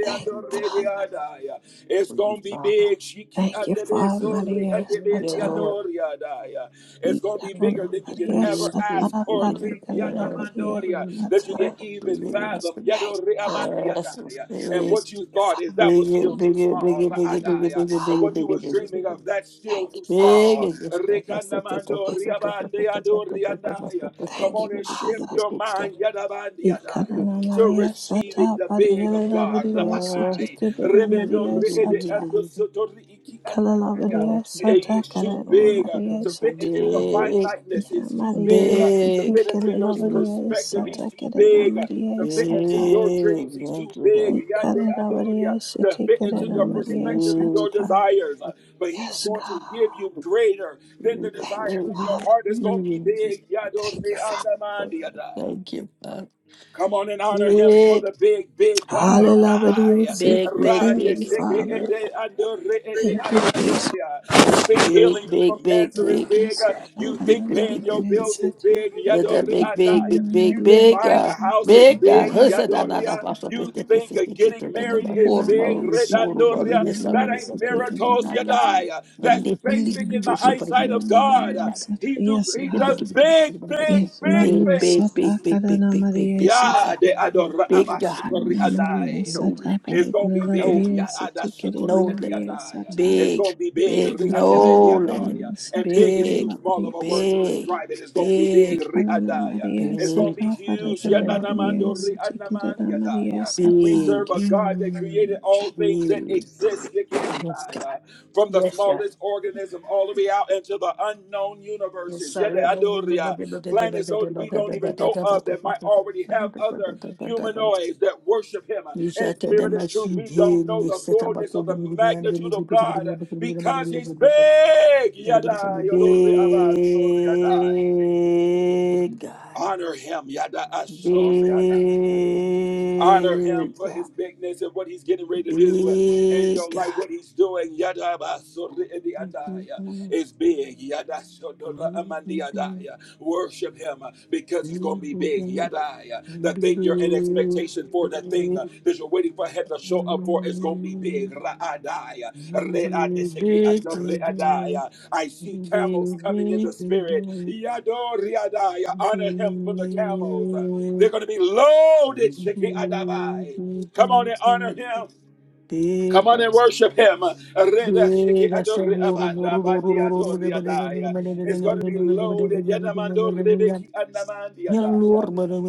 S2: Thank you,
S1: ria.
S2: Father.
S1: Adaya. It's gonna be big. Shiki
S2: Thank you,
S1: andebe
S2: Father
S1: sorry
S2: Maria
S1: andebe
S2: Sata.
S1: diandori Adaya. It's gonna be
S2: Ikanana
S1: bigger than you can
S2: Maria
S1: ever ask
S2: Sata.
S1: or
S2: Pada
S1: think.
S2: Galila Maria
S1: Yanamandoria that you can
S2: Sata.
S1: even fathom.
S2: Thank
S1: Yadori amandi Adaya. And what you
S2: you,
S1: thought
S2: Father.
S1: is that was still too small.
S2: Thank you,
S1: Raadaya. And
S2: Father.
S1: what you was dreaming of, that's still
S2: Thank you,
S1: too
S2: Father.
S4: Big
S1: small.
S4: is this girl. My sister, sister,
S1: Rekanamandori
S4: sister, sister,
S1: abandi
S4: sister, sister,
S1: adori
S4: sister, my sister,
S1: Adaya.
S4: sister,
S1: Come
S2: Thank you,
S4: big,
S1: on and
S4: big, big, big,
S1: shift
S2: Father.
S4: big,
S1: your mind
S4: big
S1: Yadabandi Adaya,
S2: Ikanana
S4: girl.
S1: to
S2: Maria
S1: receive receiving
S2: Sata.
S1: the
S2: Pada
S1: big of
S2: Galila
S1: God.
S2: Maria
S4: Big
S2: Siti.
S4: girl.
S1: Rabakai,
S4: Yes, Mm,
S2: Kanana
S1: Rebedo
S2: Maria
S4: big,
S1: Reede
S4: big, big,
S1: and
S2: Sata.
S1: the
S4: big, big, big.
S1: Sotori
S2: Kalala
S1: Anaya.
S2: Maria
S1: Yeah,
S2: Sata.
S1: He's too
S4: Oh,
S2: Kanana
S1: big
S4: sister,
S1: uh,
S4: sister,
S2: Maria
S1: to fit into your
S2: Sata.
S1: finiteness.
S2: Ya
S1: He's too
S4: sister,
S1: big
S2: Maria
S1: uh, to
S2: Siti.
S1: fit
S4: Big,
S1: into
S4: big, big,
S1: your
S2: Kalala Maria
S1: perspective. He's
S4: girl.
S2: Sata.
S1: too
S2: Kanana
S1: big uh, to
S2: Maria
S1: fit into
S2: Sata.
S1: your
S4: big,
S1: dreams. He's too
S4: mental
S1: big
S4: health.
S1: Yande
S2: Ikarara
S1: Adoria,
S2: Maria
S1: to fit into your
S2: Sitikarana
S4: Mm, big,
S2: Maria
S1: perspective and your
S4: big, big,
S2: Sata.
S1: desires.
S4: big.
S1: Uh, But he's
S2: Yes,
S1: going to
S2: God.
S1: give you greater than the
S2: Thank you,
S1: desires of your
S2: Father.
S1: heart. It's going to be big. Yadore
S2: Thank you, Father.
S1: Andamandi Adai.
S4: Thank you, Father.
S1: Come on and honor him for the
S4: Big.
S1: big, big God.
S2: Hallelujah. Maria
S1: Rai,
S4: Big,
S2: Siti.
S4: big,
S1: rai,
S2: Thank
S1: de
S4: big,
S2: you,
S1: sheke, e
S2: Father.
S1: ando, re, e
S2: Thank you,
S1: ando,
S2: Jesus.
S1: soria. You think
S4: big,
S1: healing you from
S4: big, big, big,
S1: cancer is
S4: big,
S2: Maria
S1: big? Uh, You
S4: big, big,
S1: think
S2: Sitikarana
S1: paying
S4: big,
S1: your
S4: big,
S2: Maria
S4: big.
S1: bills is
S2: Sata.
S1: big?
S4: Let
S1: Yado,
S4: that
S1: re,
S4: big, big,
S1: andaya.
S4: big, big,
S1: You think
S2: Maria
S4: big,
S1: buying a
S4: uh,
S2: Sata.
S1: house is
S4: big,
S2: Karara
S4: uh,
S1: big?
S4: hussa da
S1: Yado,
S2: Maria
S4: na da
S1: ria.
S4: fasta
S2: Sata.
S1: You
S4: pete pete
S1: think uh,
S4: pete
S1: getting
S4: pete da
S1: married
S4: ba
S2: Karara
S1: is
S4: forma
S2: Maria
S1: big?
S4: o
S1: Re,
S4: risoro
S1: dando,
S4: ba o
S2: Sitikarana
S1: ria.
S4: risa da
S1: That
S2: Maria
S4: ne
S1: ain't
S4: cosa di ma
S2: Sitikarana
S1: miracles,
S4: na ya.
S2: Maria
S1: Yadai.
S4: E
S1: That's
S2: Sata.
S4: ne fili di
S1: basic in
S4: vivo
S1: the
S4: sopra di
S1: eyesight
S4: ma
S1: of
S2: Ikarana
S4: qua qua.
S1: God.
S2: Maria
S4: Cara.
S2: Sata.
S1: He, do,
S2: Yes,
S4: Ne
S1: he
S4: big,
S2: God.
S4: big,
S1: does
S4: big, big,
S1: big,
S4: big, big,
S1: big,
S2: Yes,
S1: big
S2: Maria
S4: big, big, big, big, big, big,
S2: Sata
S1: things.
S2: Kadana
S4: big, big, big,
S2: Maria
S4: big,
S2: Satana
S1: Yeah, the
S4: big,
S1: adora
S4: big God.
S1: abasukori
S2: Maria
S1: anai.
S4: No
S2: Sata
S4: limit.
S1: It's gonna be
S2: Paragana
S4: no
S1: big.
S2: Maria
S1: Yeah,
S2: Situ
S4: no
S1: adasukori
S2: Kirana
S1: andi
S4: limit.
S2: Maria
S1: anai.
S2: Sata
S1: It's
S4: Big,
S1: gonna be big.
S4: big,
S1: Ri ande be
S4: no
S2: Nikana
S4: limit.
S2: Maria
S1: And
S2: Sata
S1: big is too
S4: Big,
S1: small
S2: Maria
S1: of a word to
S4: big,
S1: describe it. It's gonna be big.
S4: big,
S1: Ri
S2: Sikana
S1: andai.
S2: Maria
S1: It's gonna
S4: big.
S1: be
S2: Sata
S4: Like
S1: huge. Yeah,
S2: Paragana
S1: na
S4: sometimes,
S2: Maria
S4: mm,
S1: ri
S2: Situ
S1: anamandi
S2: Kirana
S1: andai.
S2: Maria
S1: We
S2: Sata
S4: Big,
S1: serve a
S4: huge,
S1: God that created all things that
S4: big.
S1: exist. Yeke
S4: Yes, God.
S1: andai from the
S4: Yes, God.
S1: smallest organism all the way out into the unknown
S4: Yes,
S1: universes. Yet the
S4: sir.
S1: Adoria, planets don't, we don't even know of that might already have other humanoids that worship him
S4: You
S1: in
S4: said that
S1: spirit
S4: my
S1: and truth.
S4: son,
S1: We
S4: he
S1: don't know the
S4: needs to come back
S1: fullness of
S4: home
S1: the
S4: and be under
S1: magnitude of God because he's
S4: the people.
S1: big.
S4: Let me give you
S1: Yada,
S4: something big,
S1: Yodoria, Adoria, Dai.
S4: God.
S1: Honor him. Yada, Asoria, Dai honor him
S4: Big,
S1: for
S4: God.
S1: his bigness and what he's getting ready to do in
S4: Big,
S1: your life,
S4: God.
S1: what he's doing. Yadabasuridiandaya Is big. Yadashodoramandiadaya. Worship him uh, because it's going to be big. Yadaya. The thing you're in expectation for, the thing uh, that you're waiting for him to show up for is going to be big. Raadaya. Readisekeadoreadaya. I see
S4: Big,
S1: camels
S4: big,
S1: coming in the spirit.
S4: big,
S1: Yadoriadaya.
S4: big,
S1: Honor him for the camels.
S4: big,
S1: They're going to be loaded.
S4: Big, big, big, big,
S1: Come on
S4: big,
S1: and honor him. Come
S4: big,
S1: on and worship him. It's going to be loaded. Yadamando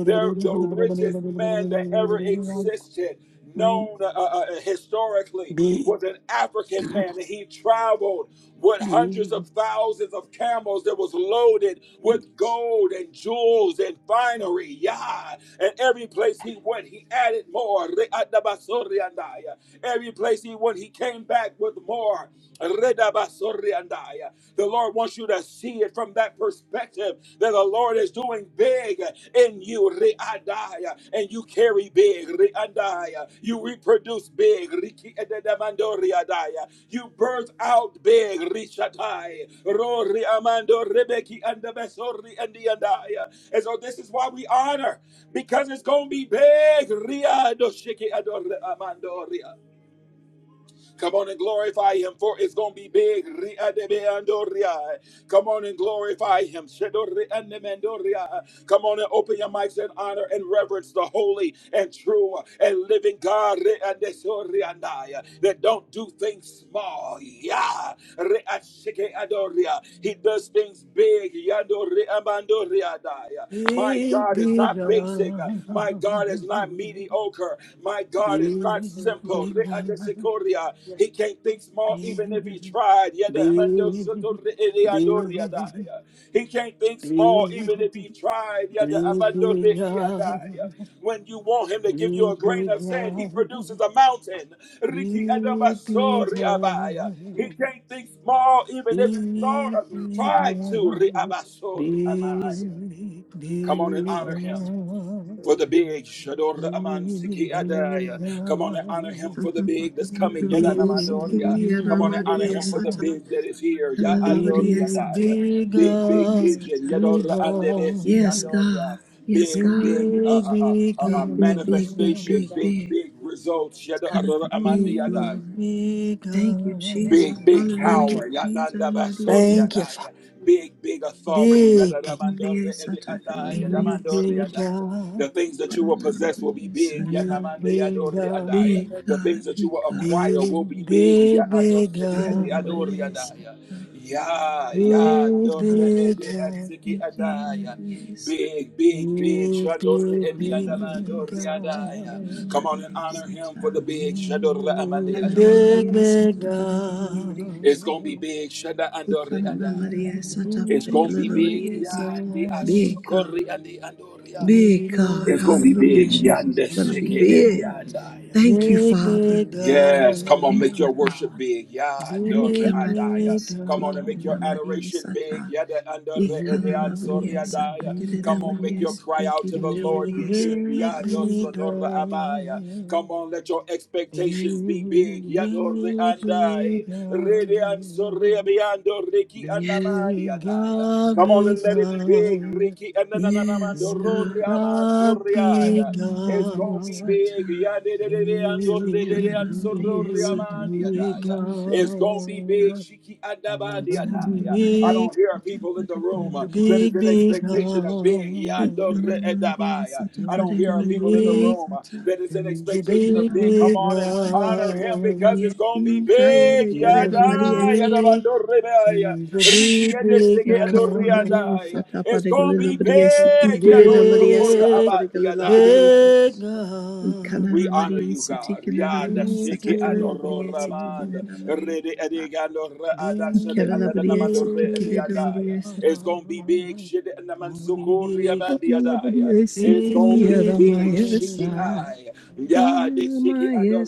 S1: They're the richest man that ever existed, known uh, uh, uh, historically, was an African man. And he traveled with hundreds of thousands of camels that was loaded with gold and jewels and finery. Yeah. And every place he went, he added more. Every place he went, he came back with more. The Lord wants you to see it from that perspective that the Lord is doing big in you. And you carry big. Reandaya. You reproduce big. Rikiededamandoriadaya. You birth out big. And so this is why we honor because it's going to be big. Come on and glorify him, for it's going to be big. Come on and glorify him. Come on and open your mics and honor and reverence the holy and true and living God that don't do things small. Yeah re ashike adoria. He does things big. Yadore abandoria daya. My God is not
S5: Lord,
S1: basic. My God is not mediocre. My God is
S5: we
S1: not
S5: really will be
S1: simple. Re adesikoria.
S5: blessed
S1: He can't think small even if he tried.
S4: big,
S1: Yada
S4: big,
S1: amandosotore ede andoria
S4: big, big,
S1: daya. He can't think
S4: Be,
S1: small
S4: be,
S1: even if he tried. Yada
S4: be
S1: abandore kia
S4: God,
S1: When you want him to
S4: be,
S1: give you
S4: be God, be,
S1: a
S5: with
S4: be
S1: grain of sand, he produces
S4: God,
S1: a mountain.
S4: be,
S1: Riki
S4: be
S1: Adabasori
S5: your
S1: Abaya.
S5: tremendous
S1: He
S5: children,
S4: God,
S1: can't think small even if
S4: be,
S1: he thought
S4: be God, be, be
S1: of tried
S4: God,
S1: to. re
S4: be, be God, be, be
S1: amaya
S5: grace and knowledge
S1: Come on and
S5: from the Lord. Thank so taken from a low
S1: honor him
S5: place to high place
S4: God,
S5: that we may
S1: for the big.
S5: understand and
S1: Shador
S5: pursue
S1: aman
S5: you.
S1: adaya. Come on and honor him for the
S2: Sata
S1: big that's
S5: We
S2: Paragana
S1: coming.
S2: Maria
S1: Yadanamandoria. Come
S2: Sikirana
S5: bless you,
S1: on and honor
S2: Maria
S1: him for the
S2: Sata
S1: big that is here. Ya
S2: Kalala
S5: we
S2: Maria
S1: adoria
S5: lift you up
S2: Sata
S5: today.
S2: Kirana
S5: It's a
S1: Big,
S5: meeting
S1: big
S2: Maria
S1: vision.
S2: Sata
S1: Yadora andebesi
S2: Yes,
S5: where
S1: adoria.
S2: God. Yes,
S1: Big,
S2: God.
S1: big
S5: we
S1: uh,
S5: can
S1: uh, uh,
S4: be God,
S1: uh,
S2: Big,
S1: uh,
S5: intercede and that
S2: big,
S5: is
S2: big,
S5: right
S2: big,
S4: be, be
S2: big,
S4: God.
S1: manifestations.
S5: that
S1: Big,
S2: big.
S1: big
S5: huge,
S1: results.
S2: It's
S5: large
S2: gonna
S5: place. Thank
S1: Yadora
S2: be
S1: amandi
S2: big,
S5: you,
S1: adaya.
S2: Lord.
S5: Father.
S4: Big
S2: Thank you, Jesus.
S1: Big,
S4: God.
S1: big
S4: Thank
S2: Hallelujah,
S4: you.
S1: power.
S2: Jesus.
S1: Yadanda
S2: Maria,
S4: Thank
S5: Thank
S4: you, Father.
S1: Yanandabasoriadaya.
S5: you, Lord.
S1: Big, big authority.
S4: Big, big,
S2: Maria Sataka
S1: Yadadamandoreediandaya.
S4: big,
S2: Lalabris.
S5: Yes, Lord,
S4: big
S1: Damandoriadaya. The
S5: that
S4: God.
S1: things
S5: which you
S1: that you will
S2: Hallelujah,
S5: have for us,
S1: possess will be
S2: Maria
S1: big.
S4: Big,
S2: Sata.
S4: big
S1: Yanamandeyadoriadaya.
S2: Big
S4: God.
S5: that
S1: The
S2: God,
S1: things that you
S2: big
S1: will
S2: God.
S1: acquire will be
S4: Big,
S1: big.
S4: big, big
S5: which you have
S4: God.
S2: Hallelujah,
S5: for us,
S2: Maria
S5: Lord. Thank
S1: Yaadosediadoriadaya.
S5: you,
S2: Sata.
S1: Ya-
S5: Lord.
S2: Thank
S1: ya,
S4: Big,
S2: you.
S1: dore
S5: Thank you.
S4: big
S1: edi
S4: God.
S1: esiki
S2: Thank you,
S1: adaya.
S2: Maria Sata.
S1: Big, big, big.
S4: Big, big, big
S2: Hallelujah, Sita.
S1: Shandoreediandamandoriadaya.
S4: God.
S1: Come on
S2: Maria
S1: and honor him for the
S2: Sata.
S1: big.
S4: Big,
S2: Kanana
S4: big,
S1: Shadorreamandeyadoriadaya.
S2: Maria
S4: big
S2: Sata. Paragana Maria
S1: It's
S2: Sata.
S1: gonna be
S4: God.
S1: big. Shada andori
S2: Ikanana
S1: adaya.
S2: Maria
S4: Big,
S2: Sata.
S1: It's gonna
S4: big,
S2: Paragana
S1: be big.
S2: Maria
S4: big
S2: Sata.
S1: Yandi
S4: God.
S2: Big God.
S1: asukori andi andoria.
S4: Only
S2: Big God.
S1: It's gonna
S4: Lord,
S1: be
S2: Hallelujah,
S1: big.
S2: Jesus.
S1: Yande
S2: Gonna be
S4: only
S5: Thank you.
S1: seke andi
S2: big.
S4: Lord.
S1: andaya.
S5: you.
S2: Thank you,
S4: Big,
S2: Father.
S4: big
S1: Yes, come on,
S2: Thank
S1: make
S2: you,
S1: your
S4: God.
S1: worship
S2: Father.
S1: big. Yeah, ando
S2: Thank
S1: re
S2: you,
S4: Big,
S2: Maria.
S1: adaya.
S4: big
S1: Come
S2: Siti
S1: on and make
S2: kirena
S1: your
S4: God.
S2: Maria
S1: adoration big.
S2: Sata.
S1: Yeah, the ando re
S4: Big,
S1: ede
S2: Ikala
S5: Thank
S1: ansori
S5: you.
S2: Maria Sata.
S1: adaya.
S2: Kirena
S1: Come on, make
S2: Maria
S1: your
S4: big,
S1: cry
S2: Siti
S1: out to the
S2: kirena
S1: Lord
S2: Maria
S1: be big.
S2: Sata.
S4: big,
S1: Yeah, do
S2: Maria
S4: big
S1: sonora
S2: Maria.
S1: amaya. Come
S4: God.
S1: on, let your expectations be
S4: Big,
S1: big. Yeah, do re
S4: big, big
S1: andai. Re de ansori
S4: God.
S1: abiando riki
S2: Yes.
S1: anamandi
S4: Big
S1: adaya.
S4: God,
S1: Come on
S4: big
S1: and let it be big.
S4: God.
S1: Riki anananamando
S2: Yes,
S1: ro
S4: Big
S1: re
S2: God.
S1: aman
S4: God, big
S1: soriaya.
S2: Hallelujah,
S1: It's gonna
S2: Maria
S1: be
S4: God.
S1: big.
S2: Sata.
S4: big big,
S1: It's
S4: you
S2: Ikala
S4: big, big, big,
S2: Maria Sata. Paragala
S4: are big, big
S2: Maria
S1: gonna
S2: Sata.
S1: be big.
S4: God.
S1: Shiki
S4: You're
S1: adabadi
S4: big,
S2: Ikala
S1: adaya. I
S2: Maria
S1: don't hear
S2: Sata.
S1: people in the room uh,
S4: you're
S2: Paragala
S1: that
S2: Maria
S1: is
S4: big,
S1: in
S4: big
S2: Sata.
S1: expectation
S4: God.
S1: of big.
S2: Ikana
S1: Yadore
S4: You're
S2: namariya
S1: edabaya.
S2: sata
S1: I don't hear
S2: parikana
S1: people in the
S2: namariya
S4: big,
S1: room uh,
S2: sata
S1: that is in
S4: you're
S1: expectation
S2: kana
S4: big,
S1: of big. Come
S4: big
S2: namariya
S1: on and
S2: sata
S1: honor
S2: parikana
S1: him because
S2: namariya
S1: it's gonna be
S2: ikaya
S1: big.
S2: rekana namariya
S1: Yadaya
S2: sata
S4: God.
S1: dabandore baya. Riki edesege
S2: ikana
S1: adore
S2: namariya
S1: andaya.
S2: sata
S1: It's gonna
S2: parikana
S1: be
S2: namariya
S4: Big,
S2: siti
S1: big.
S2: kire namariya
S1: Yadosokora
S2: sata
S1: abandi
S2: parikana namariya
S1: adaya.
S2: sata
S5: Yes,
S4: big
S2: ikana
S4: God.
S1: We honor
S2: namariya
S1: you,
S2: siti
S1: God.
S2: kire
S1: Yada
S2: namariya
S4: Big,
S2: sata
S1: shiki
S4: big
S2: kana
S1: adoro
S2: namariya siti
S1: ramand.
S2: kire
S4: God.
S2: namariya
S1: Rede
S2: sata
S1: edigando re adashade
S2: ikana
S4: Big,
S2: namariya
S1: adadanamando
S2: siti
S1: re
S2: kire
S4: big
S1: adiadaya.
S2: namariya sata
S1: It's gonna be big
S4: love.
S1: shit and the
S4: Only
S1: mansukuri
S4: big,
S1: abandi
S2: kana
S1: adaya.
S2: namariya
S1: It's
S4: big,
S1: gonna
S2: siki
S1: be
S4: big
S1: big
S4: love.
S1: shiki
S4: Big,
S2: ramaya
S1: eye.
S4: big
S1: Yada shiki
S2: Maya
S1: adore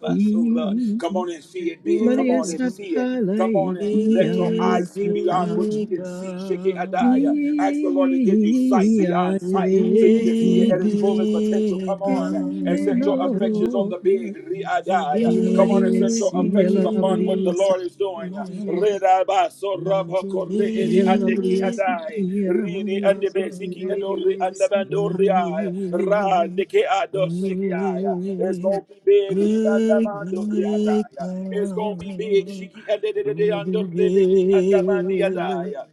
S5: thank
S1: Come on and see it big. Come
S2: Maria
S1: on
S4: love.
S1: and see it.
S2: Sata
S1: Come on and
S2: Laiki,
S1: let your
S4: Big,
S2: Maya
S1: eyes see beyond
S2: Sata,
S1: what you can see. Shiki Adaya. Ask the Lord to give you sight
S2: Mia
S1: beyond sight so you can see it at its
S2: Resi,
S1: fullest potential. Come
S4: big
S1: on and set your
S4: love.
S1: affections on
S2: Elo,
S1: the big Riadaya. Come on and
S2: Maria
S1: set
S4: Big,
S1: your
S2: Si,
S1: affections
S2: Yella
S1: upon what
S4: big
S1: the
S2: Maria
S1: Lord is
S2: Sata,
S1: doing.
S4: love.
S1: Redabas
S4: He's
S1: soraba
S4: a
S1: corre edi
S2: Yella
S1: ande ki
S2: Maria
S4: big,
S2: Siki,
S1: adai
S2: Yella
S1: ridi
S2: Maria
S1: ande besiki and ori ande
S2: Sata.
S1: bandori ra ande ke adosiki aya it's gonna be big
S4: big
S1: rianda mando riadaya it's gonna be big shiki ande de de de ando rebe ande mandi adaya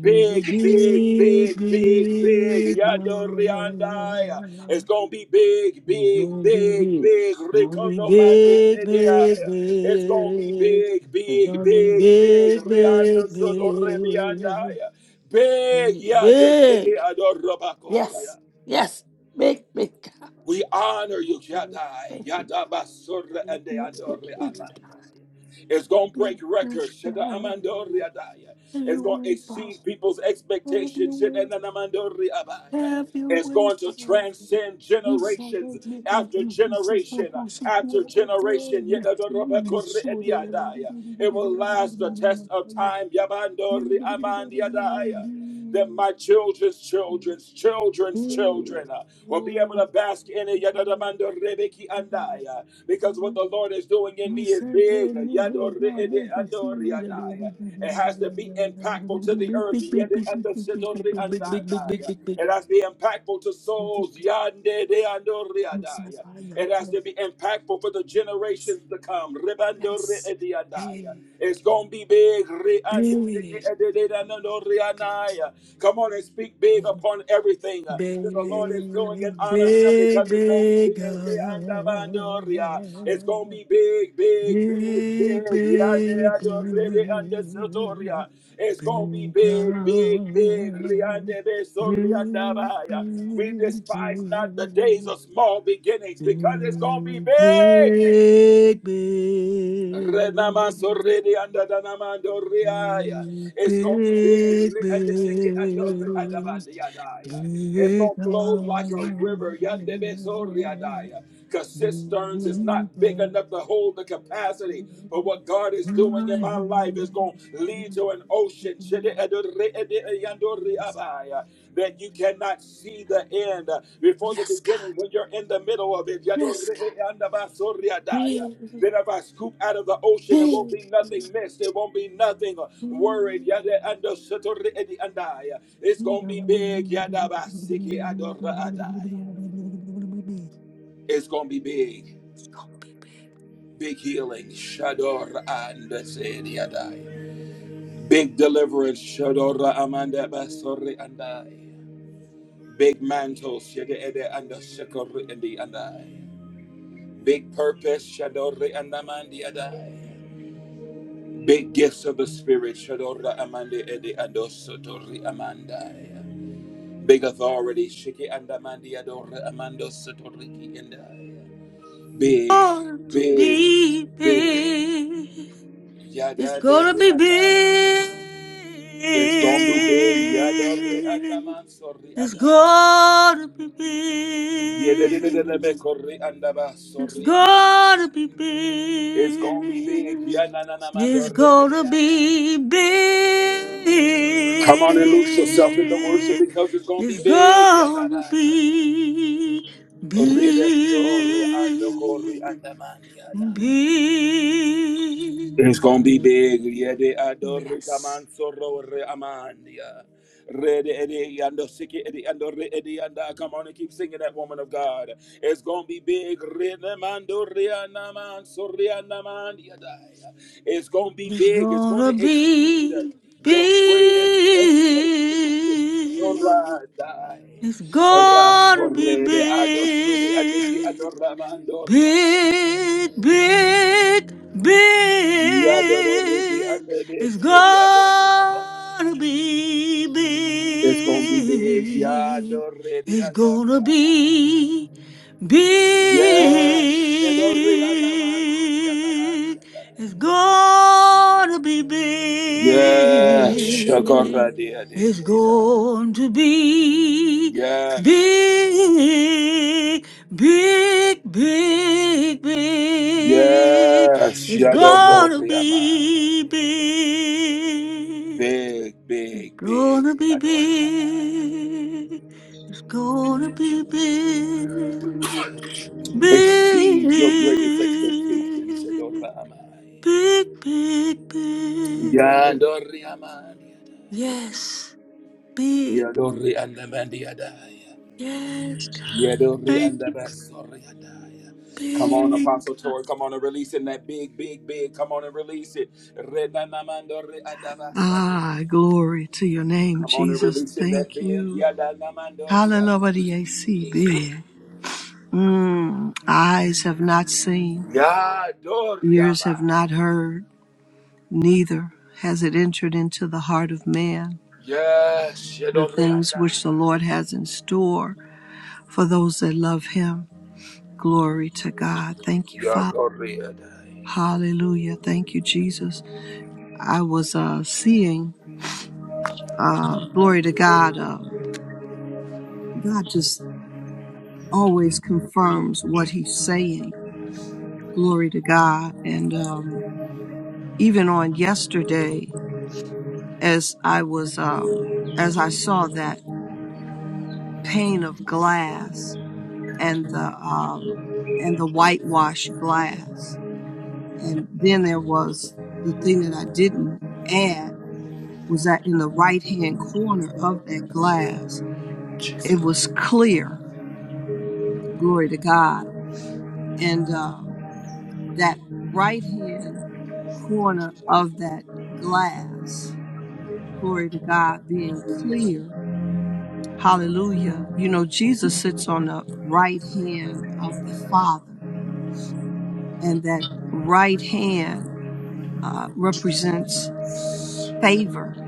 S1: Big, big, big, big, big. Yando Riandaya.
S4: God.
S1: It's gonna be big,
S4: We
S1: big,
S4: to be
S1: big,
S4: big. It's
S1: big.
S4: gonna be
S1: Ricardo Mandis
S4: big, big,
S1: It's gonna be
S4: big.
S1: big,
S4: It's
S1: big,
S4: gonna be
S1: big, big.
S4: big,
S1: Riando
S4: big,
S1: Soto
S4: big.
S1: Riandaya. Big Yadesiki
S4: Big.
S1: Adorobacoria.
S4: Yes. Yes. Big, big God.
S1: We honor you,
S5: you, Lord.
S1: Shaddai.
S4: Thank you.
S1: Yadabasura and the
S4: Yes, Big,
S1: Andori
S4: big
S1: Amanda.
S4: God.
S1: It's going to
S4: Big,
S1: break
S5: Yes,
S4: big
S1: records. Shada
S4: God.
S1: Amandori
S5: amen.
S1: Adaya.
S4: Have your
S1: It's going to
S4: way, Father.
S1: exceed people's
S4: Have your
S1: expectations. Shada
S4: way.
S1: Nanamandori Abaya.
S4: Have your
S1: It's
S4: way,
S1: going to
S4: Father.
S1: transcend
S4: He's so
S1: generations
S4: good, big,
S1: after
S4: big. He's so good,
S1: generation
S4: so
S1: after generation.
S4: good,
S1: Yadadorobakori
S4: so
S1: Ediadaya. It will last the test of
S4: good.
S1: time.
S4: We
S1: Yabandori Amandiadaya that my children's children's children's children uh, will be able to bask in it Yadadamando rebeki andaya. because what the Lord is doing in me is
S4: sent
S1: big
S4: them not make
S1: Yadorede
S4: you see
S1: andoriadaya. it has to be impactful to the
S4: big
S1: earth
S4: big big big big big big
S1: Yede
S4: big big big big
S1: andositori
S4: big big big
S1: andaya.
S4: big big
S1: it has to be impactful to souls Yandede andoriadaya. It has to be impactful for the generations to come. Rebando re
S4: Yes,
S1: ediadaya. It's gonna be big. Re ande seke
S4: yes,
S1: edededanono re
S4: big,
S1: anaya. Come on and speak big
S4: big.
S1: upon everything uh, that the Lord is doing and
S4: Big,
S1: honor Him
S4: big,
S1: because it's gonna be
S4: big
S1: big. Adoria. It's gonna
S4: God.
S1: be big, big, big,
S4: Big,
S1: big. Yande
S4: big, big, big God.
S1: Adorede and the Sotoria. It's
S4: Big,
S1: gonna be big, big, big. Riande de We despise not the days of small beginnings because it's gonna be
S4: big,
S1: big.
S4: big, big, big,
S1: Renamaso
S4: big.
S1: redi anda danamando riaya. It's gonna be big
S4: big, big,
S1: re-
S4: big
S1: and the second and the-
S4: God.
S1: It's
S4: Big
S1: gonna flow like a river. yande beso riadaya. Cause cisterns is not big
S4: God.
S1: enough to hold the capacity. But what God is
S4: I
S1: doing in my life
S4: am.
S1: is gonna lead to an ocean. shede edo ede yando That you cannot see the end uh, before the
S4: Yes,
S1: beginning
S4: God.
S1: when you're in the middle of it. yado
S4: Yes,
S1: re-
S4: God.
S1: anda baso riadaya.
S4: Big,
S1: Then if I scoop out of the ocean, it won't
S4: big,
S1: be nothing missed. It won't be nothing worried. Yada ando sotori edi andai. It's
S4: big.
S1: gonna be big. Yada basiki adora adai. It's gonna be big.
S4: God.
S1: Big healing. Shador and adai. Big deliverance. Shadora amanda basori andai. Big mantles. Yada edi ando sotori edi andai. Big purpose. Shadori andamandi adai. Big gifts of the Spirit, Shadora Amandi Edi Adosotori Amandai. Big authority, Shiki Andamandi Adora Amando Sotoriki Endai. Big,
S4: going to
S1: big,
S4: be
S1: big,
S4: big. It's
S1: Yada
S4: gonna
S1: Dori
S4: be big.
S1: Andai. It's gonna be big, Yadori Andaman Sori
S4: It's
S1: Adai.
S4: gonna be big.
S1: Yededededebekori Andaba
S4: It's
S1: Sori Andai.
S4: gonna be
S1: It's gonna be big,
S4: big. It's
S1: Yananamandori Edi
S4: gonna be big.
S1: Come on and lose yourself in the worship because it's going to
S4: It's
S1: be big.
S4: gonna
S1: Yadabadiada.
S4: be
S1: Redestore andokori
S4: big. Be,
S1: andamadiada. It's gonna be big. Yeah, they adore
S4: yes,
S1: Kaman Soro Re Amandia. Red Eddie and the Siki Eddie and the Eddie and the come on and keep singing that woman of God. It's gonna be big. Renamando Rianaman Sorianamandia. It's gonna be
S4: it's
S1: big. It's gonna
S4: gonna
S1: exceed
S4: be, be,
S1: your greatest expectation.
S4: it's gonna be
S1: Rakorede Adosiri and the Ki
S4: big.
S1: and the Ramandoria.
S4: Big, big,
S1: Yadoriki
S4: big.
S1: and the
S4: It's
S1: Destiny Adore
S4: gonna
S1: Adai.
S4: be
S1: It's gonna be big.
S4: big.
S1: Yadoriki
S4: It's
S1: Adore
S4: gonna
S1: Adai.
S4: be
S1: Yes, Yadori Anamandori Anamandi
S4: big. It's
S1: Adai.
S4: gonna be
S1: Yes,
S4: big.
S1: Shakoradi
S4: It's
S1: Adesi Adai.
S4: going to be
S1: Yes,
S4: big. Big, big, big.
S1: yes,
S4: It's gonna
S1: Yadorori Amanda.
S4: be big.
S1: Big, big, big,
S4: Gonna be
S1: Yadori Adai.
S4: big. It's gonna be big.
S1: Exceed your greatest expectations,
S4: Big,
S1: Shadora Amai.
S4: big, big, big.
S1: Yadori amani. adai.
S4: Yes, big.
S1: Yadori andamandi adaya.
S4: Yes, God.
S1: Yadori
S4: Thank you.
S1: andabasori adaya. Come on,
S4: Big.
S1: Apostle
S4: God.
S1: Tori. Come on and release it in that big, big, big. Come on and release it. Redanamandori adabasori.
S2: Ah, glory to your name,
S1: Come on and
S2: Jesus.
S1: release it in that
S2: Thank
S1: big.
S2: you.
S1: Yadanamandori adaya.
S2: Hallelujah. Mm, eyes have not seen,
S1: Yadori
S2: ears have
S1: amani.
S2: not heard, neither has it entered into the heart of man
S1: Yes,
S2: the
S1: Yadori
S2: things
S1: andaya.
S2: which the Lord has in store for those that love him. Glory to God. Thank you, Father.
S1: Yadori adaya.
S2: Hallelujah. Thank you, Jesus. I was uh, seeing, uh, glory to God. Um, God just always confirms what he's saying. Glory to God. And um, even on yesterday, as I was um, as I saw that pane of glass and the um, and the whitewashed glass, and then there was the thing that I didn't add was that in the right hand corner of that glass, it was clear. Glory to God, and um, that right hand corner of that glass, glory to God, being clear Hallelujah. You know, Jesus sits on the right hand of the Father, and that right hand uh, represents favor,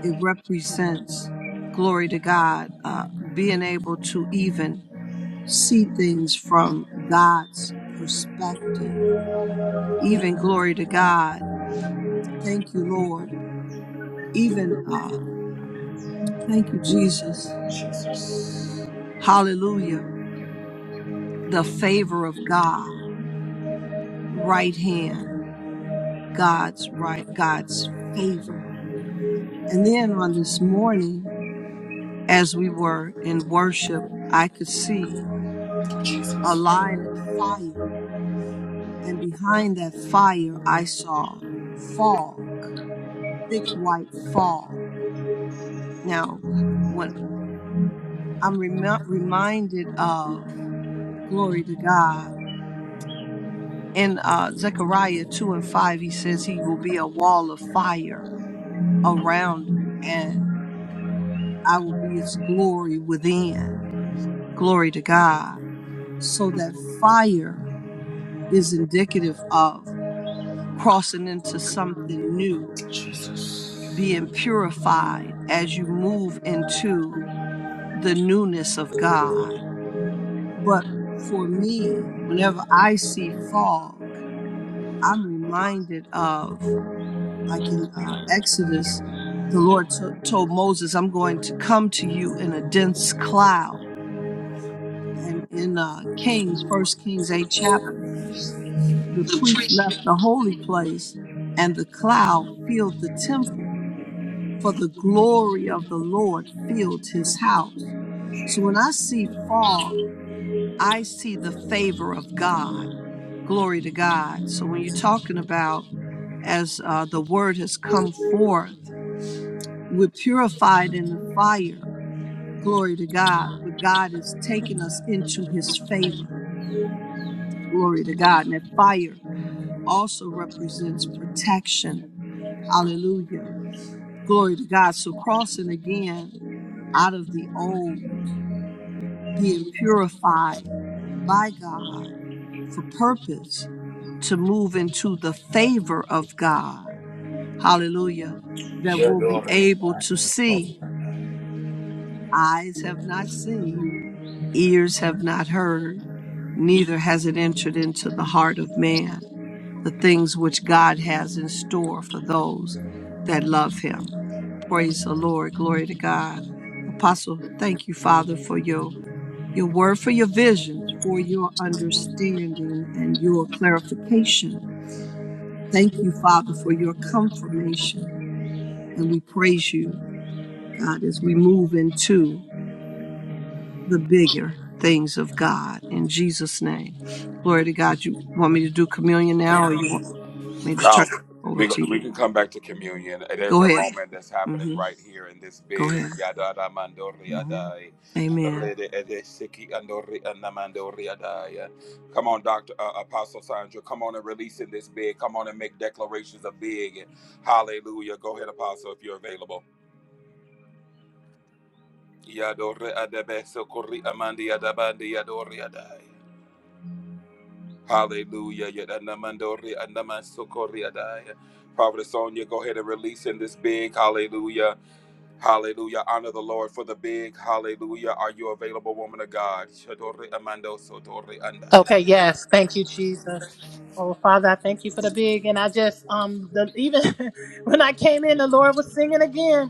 S2: it represents glory to God, uh, being able to even see things from God's perspective. Even glory to God. Thank you, Lord. Even uh, thank you, Jesus.
S1: Jesus.
S2: Hallelujah. The favor of God, right hand. God's right, God's favor. And then on this morning, as we were in worship, I could see uh, a line of fire. And behind that fire, I saw fog, thick white fog. Now, when I'm rem- reminded of glory to God in uh, Zechariah 2 and 5, he says he will be a wall of fire around him. and. I will be its glory within. Glory to God. So that fire is indicative of crossing into something new,
S1: Jesus.
S2: being purified as you move into the newness of God. But for me, whenever I see fog, I'm reminded of, like in uh, Exodus, the Lord to told Moses, I'm going to come to you in a dense cloud and in uh, Kings, First Kings eight chapter, the priest left the holy place, and the cloud filled the temple, for the glory of the Lord filled his house. So when I see fog, I see the favor of God. Glory to God. So when you're talking about as uh, the word has come forth, we're purified in the fire. Glory to God. But God is taking us into his favor. Glory to God. And that fire also represents protection. Hallelujah. Glory to God. So crossing again out of the old, being purified by God for purpose to move into the favor of God. Hallelujah. That we'll be
S1: Yadori
S2: able to see.
S1: adaya.
S2: Eyes have not seen, ears have not heard, neither has it entered into the heart of man the things which God has in store for those that love Him. Praise the Lord. Glory to God. Apostle, thank you, Father, for your, your word, for your visions, for your understanding and your clarification. Thank you, Father, for your confirmation. And we praise you, God, as we move into the bigger things of God in Jesus' name. Glory to God. You want me to do communion now or you want me to turn
S1: Um,
S2: it over
S1: we, go-
S2: to
S1: we
S2: you?
S1: can come back to communion. There's
S2: Go
S1: a
S2: ahead.
S1: moment that's happening
S2: hmm
S1: right here in this big
S2: Go ahead.
S1: yada da mandori
S2: hmm
S1: adai.
S2: Amen.
S1: Rede ede siki andori andamandori adai. Come on, Doctor uh, Apostle Sandra. Come on and release in this big. Come on and make declarations of big. Hallelujah. Go ahead, Apostle, if you're available. Yadori adebe sokori amandi adabandi yadori adai. Hallelujah. Yadanamandori andamansokori adai. Prophet Sonia, go ahead and release in this big. Hallelujah. Hallelujah. Honor the Lord for the big. Hallelujah. Are you available, woman of God? Shadori amando sotori
S6: Okay,
S1: andai.
S6: yes. Thank you, Jesus. Oh, Father, I thank you for the big. And I just, um, the, even [LAUGHS] when I came in, the Lord was singing again.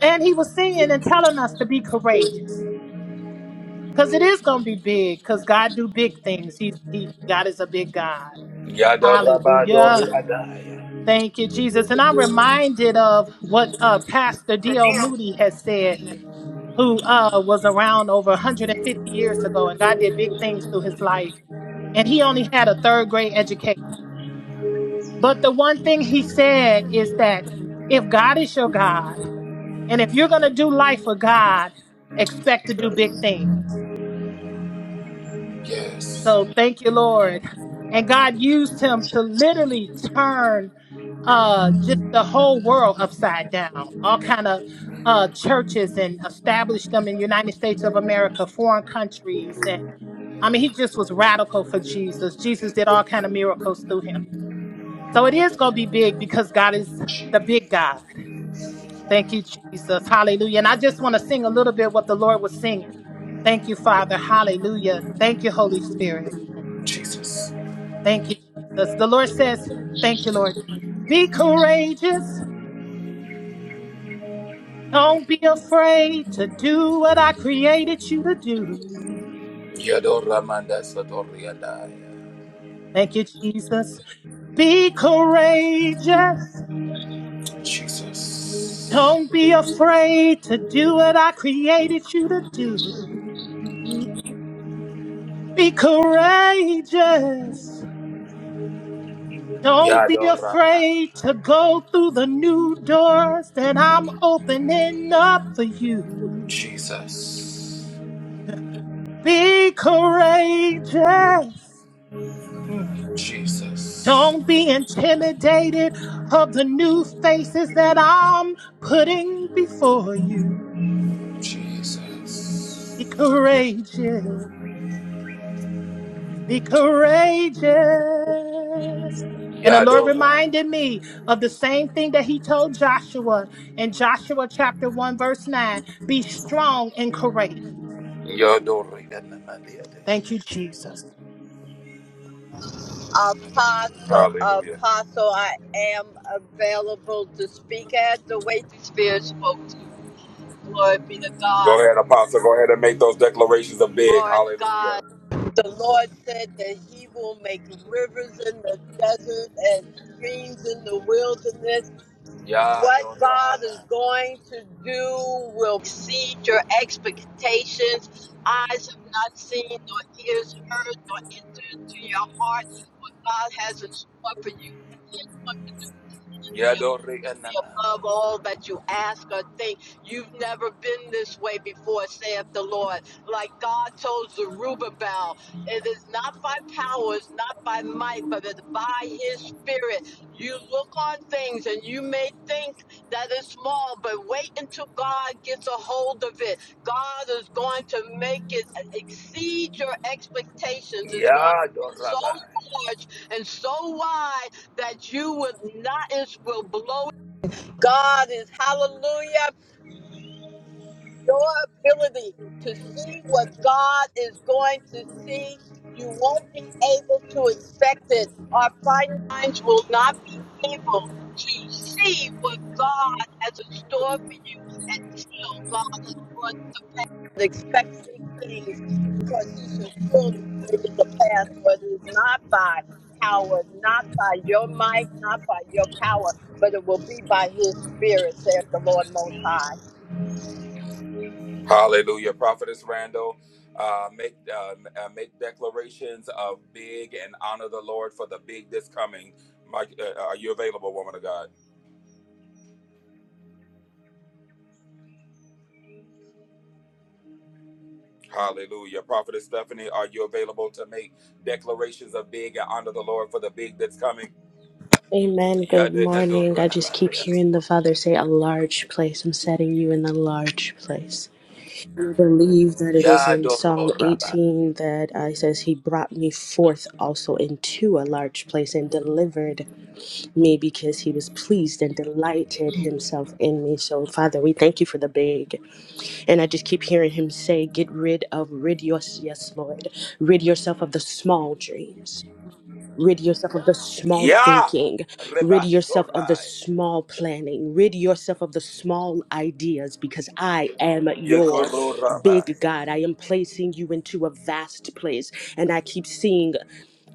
S6: And he was singing and telling us to be courageous. Because it is going to be big. Because God do big things. He's, he, God is a big God.
S1: Yadorabadori
S6: Hallelujah.
S1: adai.
S6: Thank you, Jesus. And I'm reminded of what uh, Pastor D.L. Moody has said who uh, was around over 150 years ago, and God did big things through his life. And he only had a third grade education. But the one thing he said is that if God is your God, and if you're going to do life for God, expect to do big things. So thank you, Lord. And God used him to literally turn uh, just the whole world upside down. All kind of uh, churches and established them in United States of America, foreign countries, and I mean, he just was radical for Jesus. Jesus did all kind of miracles through him. So it is going to be big because God is the big God. Thank you, Jesus. Hallelujah. And I just want to sing a little bit what the Lord was singing. Thank you, Father. Hallelujah. Thank you, Holy Spirit.
S1: Jesus.
S6: Thank you, Jesus. The Lord says, Thank you, Lord. Be courageous. Don't be afraid to do what I created you to do.
S1: Yadoramanda sotori andai.
S6: Thank you, Jesus. Be courageous.
S1: Jesus.
S6: Don't be afraid to do what I created you to do. Be courageous. Don't be
S1: Yador.
S6: afraid to go through the new doors that I'm opening up for you.
S1: Jesus.
S6: Be courageous. Mm.
S1: Jesus.
S6: Don't be intimidated of the new faces that I'm putting before you.
S1: Jesus.
S6: Be courageous. Be courageous. And the Lord
S1: Yadori.
S6: reminded me of the same thing that He told Joshua in Joshua chapter 1, verse 9 be strong and courageous.
S1: Yadori. Edmamandi
S6: Thank
S1: Adaya.
S6: you, Jesus.
S3: Apostle,
S1: Hallelujah.
S3: Apostle, I am available to speak as the waiting Spirit spoke to me. Glory be to God.
S1: Go ahead, Apostle. Go ahead and make those declarations of big.
S3: Glory to God.
S1: Hallelujah.
S3: the Lord said that He will make rivers in the desert and streams in the wilderness. What
S1: Yadora
S3: God
S1: Abba.
S3: is going to do will exceed your expectations. Eyes have not seen, nor ears heard, nor entered into your heart what God has in store for you
S1: Yadori
S3: be above
S1: Anamai.
S3: all that you ask or think. You've never been this way before, saith the Lord. Like God told Zerubbabel, it is not by power, it's not by might, but it's by his spirit. You look on things and you may think that it's small, but wait until God gets a hold of it. God is going to make it exceed your expectations. It's going to be so
S1: Abba.
S3: large and so wide that you would not it will blow God is hallelujah. Your ability to see what God is going to see, you won't be able to expect it. Our fine minds will not be able to see what God has in store for you until God is and expect big things because he shall surely bring it to pass, whether it's not by power, not by your might, not by your power, but it will be by his spirit, saith the Lord Most High.
S1: Hallelujah. Prophetess Randall, uh, make uh, uh, make declarations of big and honor the Lord for the big that's coming. Mike, uh, uh, are you available, woman of God? Hallelujah. Prophetess Stephanie, are you available to make declarations of big and honor the Lord for the big that's coming?
S5: Amen. Good
S1: Yade
S5: morning. I
S1: edora
S5: just keep
S1: abade
S5: hearing the
S1: asore.
S5: Father say, A large place. I'm setting you in a large place. I believe that it is in
S1: Yadoro
S5: Psalm
S1: raba.
S5: 18 that uh, it says, He brought me forth also into a large place and delivered me because He was pleased and delighted Himself in me. So, Father, we thank you for the big. And I just keep hearing Him say, Get rid of, rid your, yes, Lord, rid yourself of the small dreams. Rid yourself of the small
S1: Ya
S5: thinking. Rid yourself of the
S1: rebasorai.
S5: small planning. Rid yourself of the small ideas because I am your
S1: Yekoro raba.
S5: big God. I am placing you into a vast place. And I keep seeing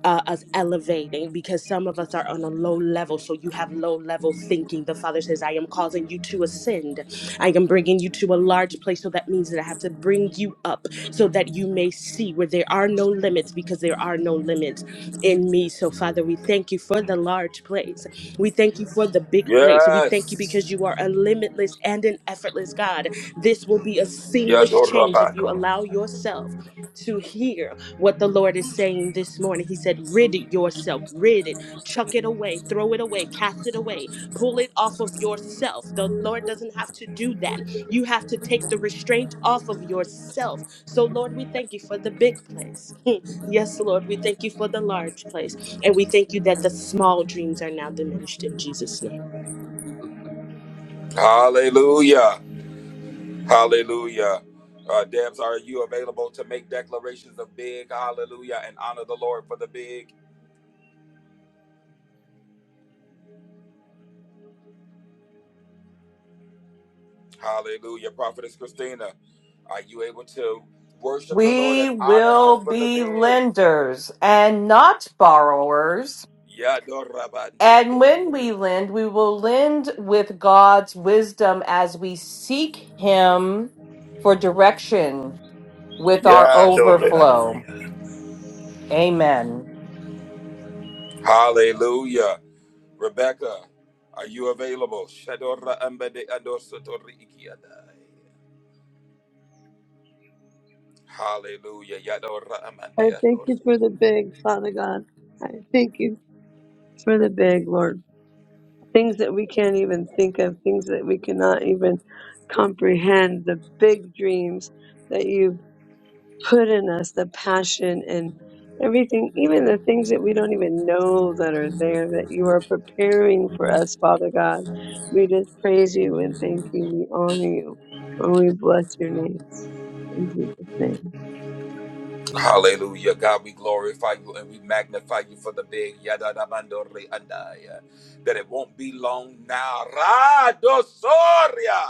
S5: uh, us elevating because some of us are on a low level. So you have low level thinking. The Father says, I am causing you to ascend. I am bringing you to a large place. So that means that I have to bring you up so that you may see where there are no limits because there are no limits in me. So, Father, we thank you for the large place. We thank you for the big place. We thank you
S1: Yes.
S5: because you are a limitless and an effortless God. This will be a seamless change if you
S1: Yadorabako.
S5: allow yourself to hear what the Lord is saying this morning. He said, Rid it yourself, rid it, chuck it away, throw it away, cast it away, pull it off of yourself. The Lord doesn't have to do that. You have to take the restraint off of yourself. So, Lord, we thank you for the big place. [LAUGHS] yes, Lord, we thank you for the large place. And we thank you that the small dreams are now diminished in Jesus' name.
S1: Hallelujah. Hallelujah. Uh, Debs, are you available to make declarations of big? Hallelujah. And honor the Lord for the big. Hallelujah. Prophetess Christina, are you able to worship the Lord
S7: We
S1: and honor
S7: will
S1: him for the
S7: be
S1: big?
S7: lenders and not borrowers. And when we
S1: Yadorabande.
S7: lend, we will lend with God's wisdom as we seek Him for direction with our
S1: Yeah, Dora.
S7: overflow. Amen.
S1: Hallelujah. Rebecca, are you available? Shadora ambade adosa tori iki Hallelujah. Yadora
S8: I
S1: amande
S8: thank
S1: adora.
S8: you for the big, Father God. I thank you for the big, Lord. Things that we can't even think of, things that we cannot even comprehend, the big dreams that you put in us, the passion and everything, even the things that we don't even know that are there, that you are preparing for us, Father God. We just praise you and thank you. We honor you and we bless your name. In Jesus' name.
S1: Hallelujah. God, we glorify you and we magnify you for the big yadada mandori That it won't be long now. Radosoria.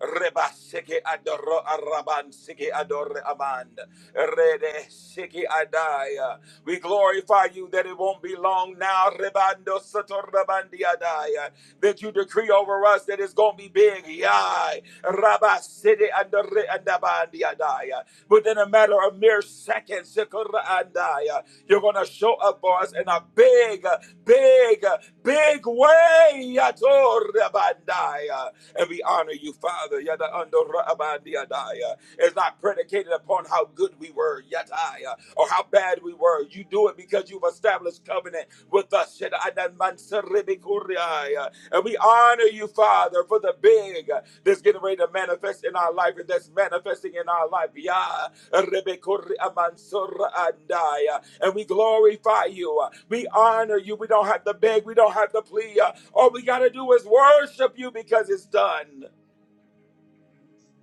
S1: Reba siki adoro araban siki adore amand. Rede siki adaya. We glorify you that it won't be long now. Rebando sator rabandi adaya. That you decree over us that it's going to be big. Yai. Rabba sidi adore andabandi adaya. Within a matter of mere seconds, sikora andaya, you're going to show up for us in a big, big, big way. Yator rabandaya and we honor you, Father. Yada ando rabandi adaya. It's not predicated upon how good we were, yataya, or how bad we were. You do it because you've established covenant with us. Shada adan mansaribi kuriaya. And we honor you, Father, for the big that's getting ready to manifest in our life and that's manifesting in our life. Yeah. Rebe kuri amansura andaya. And we glorify you. We honor you. We don't have to beg. We don't have to plead. All we got to do is worship you because it's done.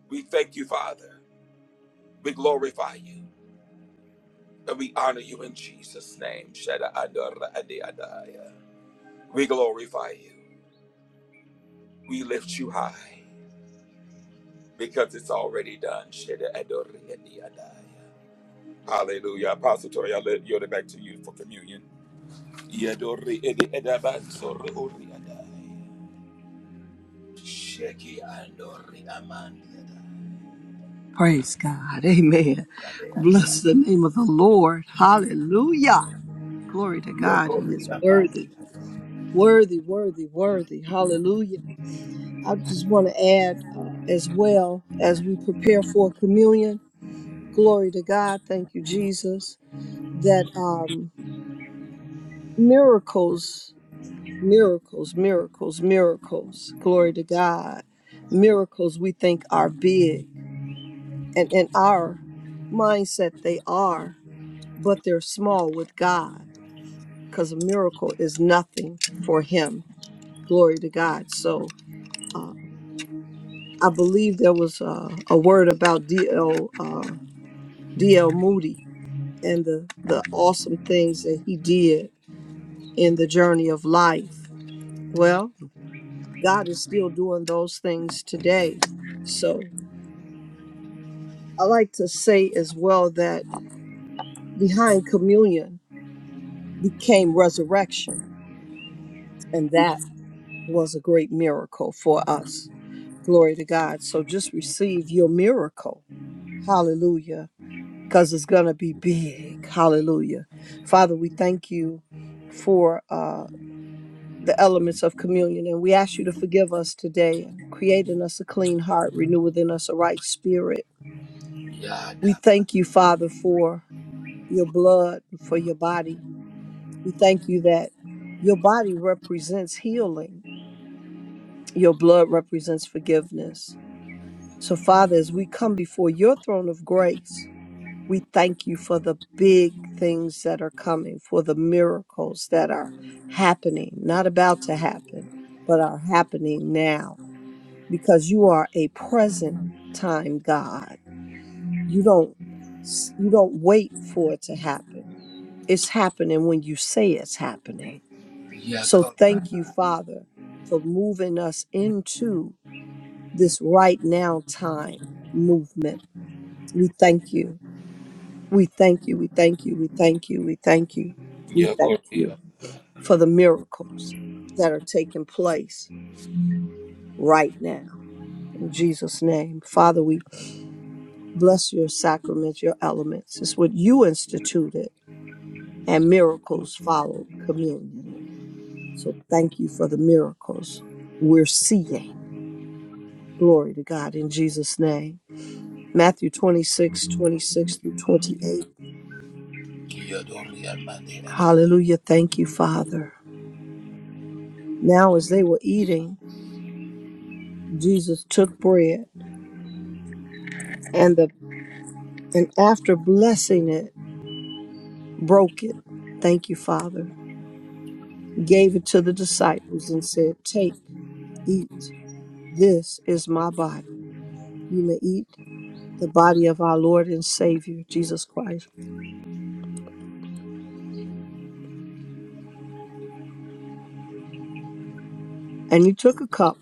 S1: We thank you, Father. We glorify you. And we honor you in Jesus' name. Shada adora adi adaya. We glorify you. We lift you high because it's already done. Shada adora adi adaya. Hallelujah. Apostle Tori, I let yield it back to you for communion. Yadori adi adaban sori ori adaya. Sheki andori amandi
S2: Praise God. [LAUGHS] Amen. Bless
S1: adaya.
S2: the name of the Lord. Hallelujah. Glory to God. He is worthy, worthy, worthy, worthy. Hallelujah. I just want to add uh, as well as we prepare for communion. Glory to God. Thank you, Jesus. That um, miracles, miracles, miracles, miracles. Glory to God. Miracles we think are big and in our mindset they are but they're small with god because a miracle is nothing for him glory to god so uh, i believe there was uh, a word about dl uh, dl moody and the, the awesome things that he did in the journey of life well god is still doing those things today so i like to say as well that behind communion became resurrection And that was a great miracle for us. Glory to God. So just receive your miracle. Hallelujah. Because it's going to be big. Hallelujah. Father, we thank you for uh, the elements of communion. And we ask you to forgive us today and create in us a clean heart, renew within us a right spirit. We thank you, Father, for your blood, for your body. We thank you that your body represents healing, your blood represents forgiveness. So, Father, as we come before your throne of grace, we thank you for the big things that are coming, for the miracles that are happening, not about to happen, but are happening now, because you are a present time God. You don't s- you don't wait for it to happen. It's happening when you say it's happening. So
S1: Yako-
S2: thank you, Father, for moving us into this right now time movement we thank you. We thank you. We thank you. We thank you. We thank you. We thank
S1: Yakori
S2: you for the miracles that are taking place right now. In Jesus' name, Father, we bless your sacraments, your elements. It's what you instituted, and miracles follow communion. So thank you for the miracles we're seeing. Glory to God in Jesus' name. Matthew 26:26 through 28. Hallelujah. Thank you, Father. Now as they were eating, Jesus took bread and the and after blessing it, broke it. Thank you, Father. Gave it to the disciples and said, "Take, eat. This is my body. You may eat the body of our Lord and Savior Jesus Christ." And he took a cup,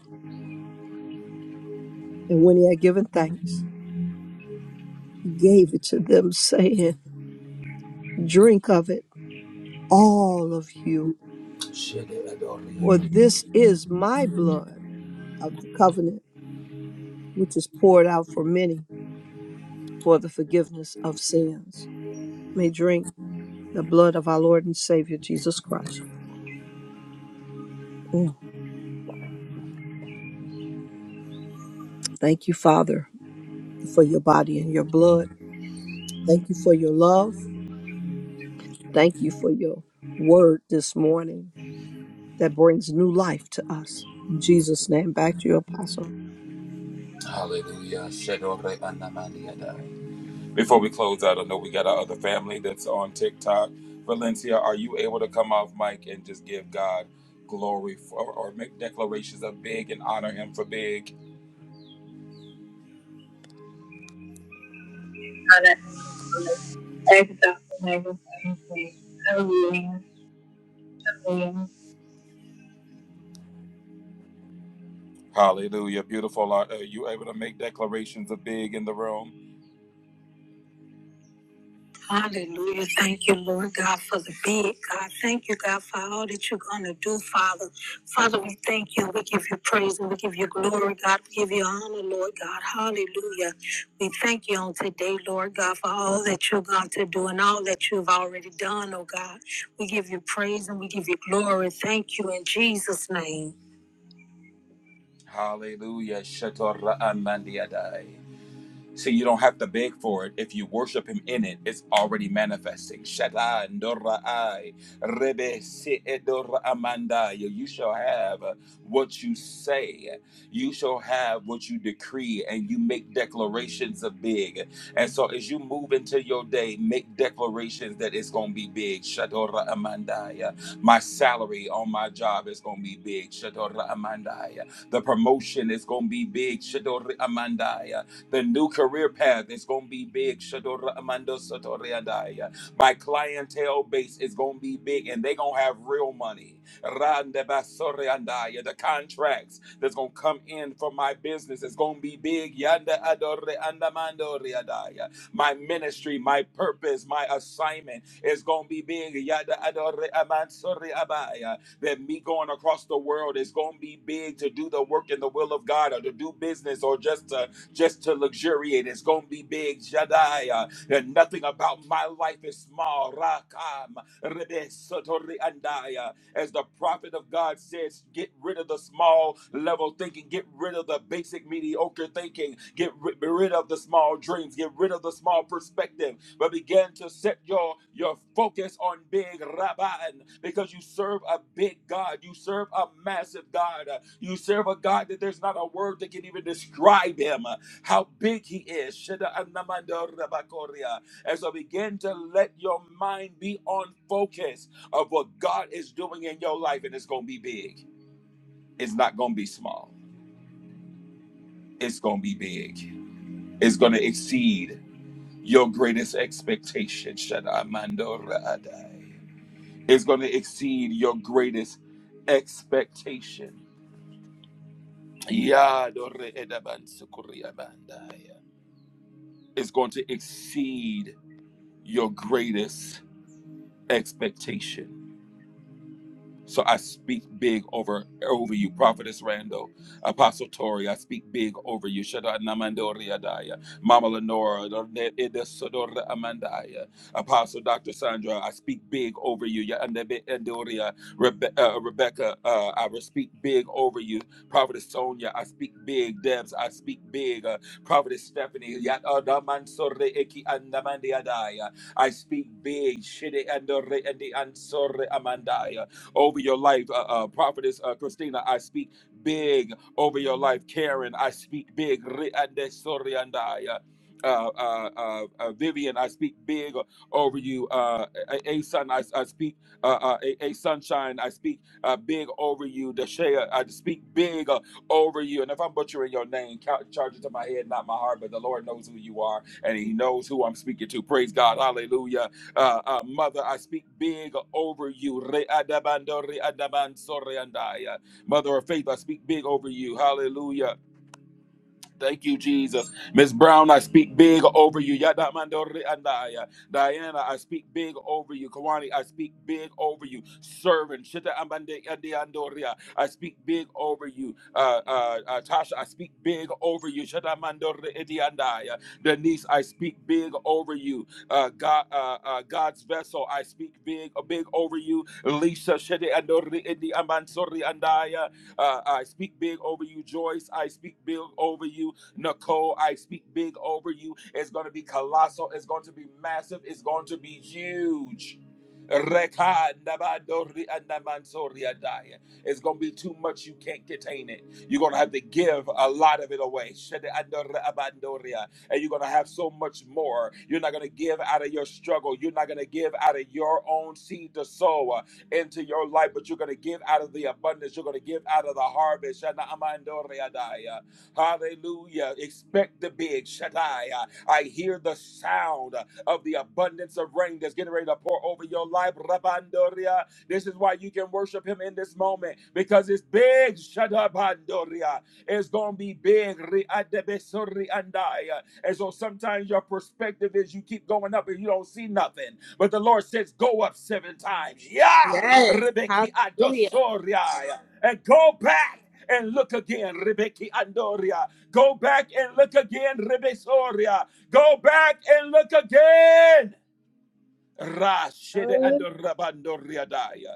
S2: and when he had given thanks, he gave it to them [LAUGHS] saying, "Drink of it, all of you, for this is my blood of the covenant which is poured out for many for the forgiveness of sins, may drink the blood of our Lord and Savior Jesus Christ. Mm. Thank you, Father, for your body and your blood. Thank you for your love. Thank you for your word this morning that brings new life to us. In Jesus' name, back to your apostle.
S1: Hallelujah. Before we close out, I know we got our other family that's on TikTok. Valencia, are you able to come off mic and just give God glory for, or make declarations of big and honor Him for big? Hallelujah. Beautiful. Are, are you able to make declarations of big in the room? Hallelujah. Thank you, Lord God, for the big God. Thank you, God, for all that you're going to do, Father. Father, we thank you. We give you praise and we give you glory, God. We give you honor, Lord God. Hallelujah. We thank you on today, Lord God, for all that you're going to do and all that you've already done, oh God. We give you praise and we give you glory. Thank you in Jesus' name. Hallelujah. Shatorra amandiadai. So you don't have to beg for it. If you worship him in it, it's already manifesting. Shaddai, Dorai, Rebe, Se'edor, Amandai. You shall have what you say. You shall have what you decree, and you make declarations of big. And so as you move into your day, make declarations that it's going to be big. Shadora Amandai. My salary on my job is going to be big. Shadora Amandai. The promotion is going to be big. Shadora Amandai the new career path is going to be big. Shadora Amando Sotoriadaya. My clientele base is going to be big and they're going to have real money. Rande Basoriandaya. The contracts that's going to come in for my business is going to be big. Yanda Adore Andamando Riadaya. My ministry, my purpose, my assignment is going to be big. Yada Adore Amansori Abaya that me going across the world is going to be big to do the work in the will of God or to do business or just to just to luxuriate. It's going to be big, Shaddai. Uh, and nothing about my life is small. Rakam, Rebe Sotori Andaya. As the prophet of God says, get rid of the small level thinking, get rid of the basic mediocre thinking, get ri- rid of the small dreams, get rid of the small perspective, but begin to set your, your focus on big Rabban because you serve a big God, you serve a massive God, Uh, you serve a God that there's not a word that can even describe him how big he is. Shida anamanda rabakoria. And so begin to let your mind be on focus of what God is doing in your life, and it's going to be big. It's not going to be small. It's going to be big. It's going to exceed your greatest expectation. Shada amando raadai. It's going to exceed your greatest expectation. Yadore edaban sukuriabandai. It's going to exceed your greatest expectation. So I speak big over over you, Prophetess Randall, Apostle Tori. I speak big over you, Shadad Namandoriadaya, Mama Lenora, Lorne- Ida Sodora Amandaya, Apostle Dr. Sandra. I speak big over you, Yaandebe Endoria, Rebe- uh, Rebecca. Uh, I will speak big over you, Prophetess Sonia. I speak big, Debs. I speak big, uh, Prophetess Stephanie. Yadamansore Eki Andamandiadaya. I speak big, Shide Andore Endi Ansore Amandaya over your life. Uh, uh, Prophetess uh, Christina, I speak big over your life. Karen, I speak big. Re'ande soriandaya. Uh, uh, uh, uh, uh, Vivian, I speak big over you. Uh, a, a son, I, I speak uh, uh, a, a sunshine. I speak uh, big over you. Deshea, I speak big uh, over you. And if I'm butchering your name, count, charge it to my head, not my heart. But the Lord knows who you are, and He knows who I'm speaking to. Praise God, Hallelujah. Uh, uh, Mother, I speak big over you. Re-adabando, re-adabanso, re-andai. Mother of faith, I speak big over you. Hallelujah. Thank you, Jesus. Miss Brown, I speak big over you. Yada mandori andaya. Diana, I speak big over you. Kawani, I speak big over you. Servant, Shita ambande andi andoria. I speak big over you. Uh, uh, uh, Tasha, I speak big over you. Shita mandori edi andaya. Denise, I speak big over you. Uh, God, uh, uh, God's vessel, I speak big, big over you. Lisa, Shita andori edi amansori andaya. Uh, I speak big over you, Joyce. I speak big over you. Nicole, I speak big over you. It's going to be colossal. It's going to be massive. It's going to be huge. It's going to be too much. You can't contain it. You're going to have to give a lot of it away. And you're going to have so much more. You're not going to give out of your struggle. You're not going to give out of your own seed to sow uh, into your life, but you're going to give out of the abundance. You're going to give out of the harvest. Hallelujah. Expect the big Shaddai. Uh, I hear the sound uh, of the abundance of rain that's getting ready to pour over your life. Rabandoria. This is why you can worship him in this moment because it's big Shadabandoria. It's going to be big. Riadebesori andaya. And so sometimes your perspective is you keep going up and you don't see nothing. But the Lord says, go up seven times. Yeah.
S5: Yes.
S1: Rebeki
S5: Hallelujah.
S1: adosoria. And go back and look again, Rebecca Andoria. Go back and look again, Rebesoria. Go back and look again. Rashede and Rabandoriadaya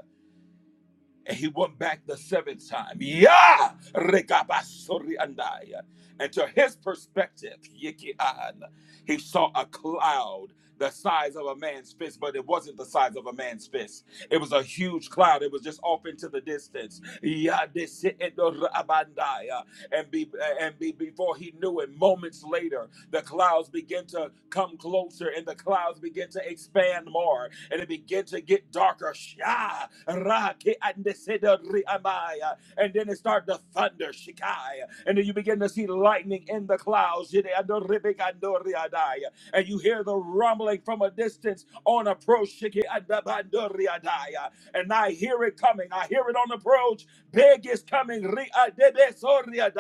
S1: and he went back the seventh time. Yeah, Rekabasoriandaya. and to his perspective, Yikian, he saw a cloud the size of a man's fist, but it wasn't the size of a man's fist. It was a huge cloud. It was just off into the distance. Yadisiidorabandaya. And be and be, before he knew it, moments later, the clouds begin to come closer and the clouds begin to expand more and it begin to get darker. Sha, ra, ke, an, de, se, da, ri, am, I. uh, And then it start to thunder. Shikai. And then you begin to see lightning in the clouds. Jide, an, do, ri, big, an, do, ri, an, And you hear the rumbling from a distance on approach. Shiki, an, da, ban, do, ri, an, And I hear it coming. I hear it on approach. Big is coming. Ri, an, be, so, ri, an,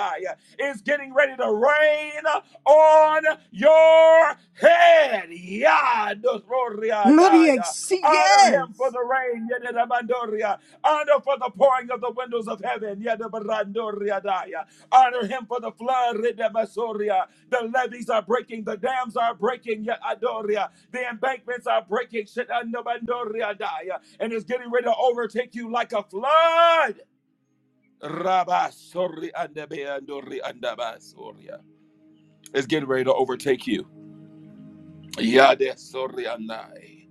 S1: It's getting ready to rain on your head.
S2: Maria,
S1: Yadosoriadaya.
S2: see,
S1: Honor him for
S2: yes.
S1: the rain. Yadadabandoria. Honor for the pouring of the windows of heaven. Yadabarandoriadaya. Honor him for the flood. Ridabasoria. The levees are breaking. The dams are breaking. Yadadoria. The embankments are breaking. Shitandabandoriadaya. And it's getting ready to overtake you like a flood. Rabasoriandabeandoriandabasoria. It's getting ready to overtake you Yada sorianai.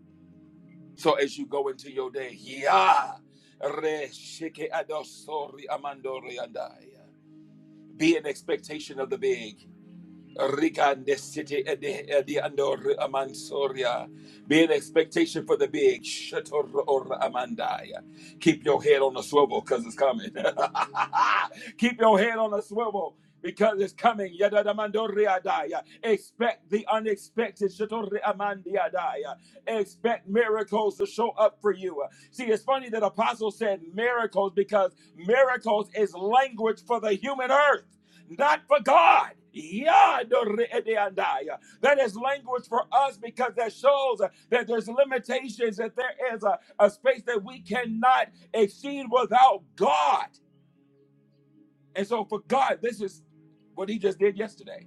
S1: So as you go into your day, ya re shike adosori amandori andai. Be in expectation of the big. Rigande city at the andor amansoria. Be an expectation for the big shator or amandaya. Keep your head on a swivel because it's coming. [LAUGHS] Keep your head on a swivel because it's coming. Yadadamandoriadaya. Expect the unexpected. shatori amandia amandiadaya. Expect miracles to show up for you. See, it's funny that Apostle said miracles because miracles is language for the human earth not for God. That is language for us because that shows that there's limitations, that there is a, a space that we cannot exceed without God. And so for God, this is what he just did yesterday.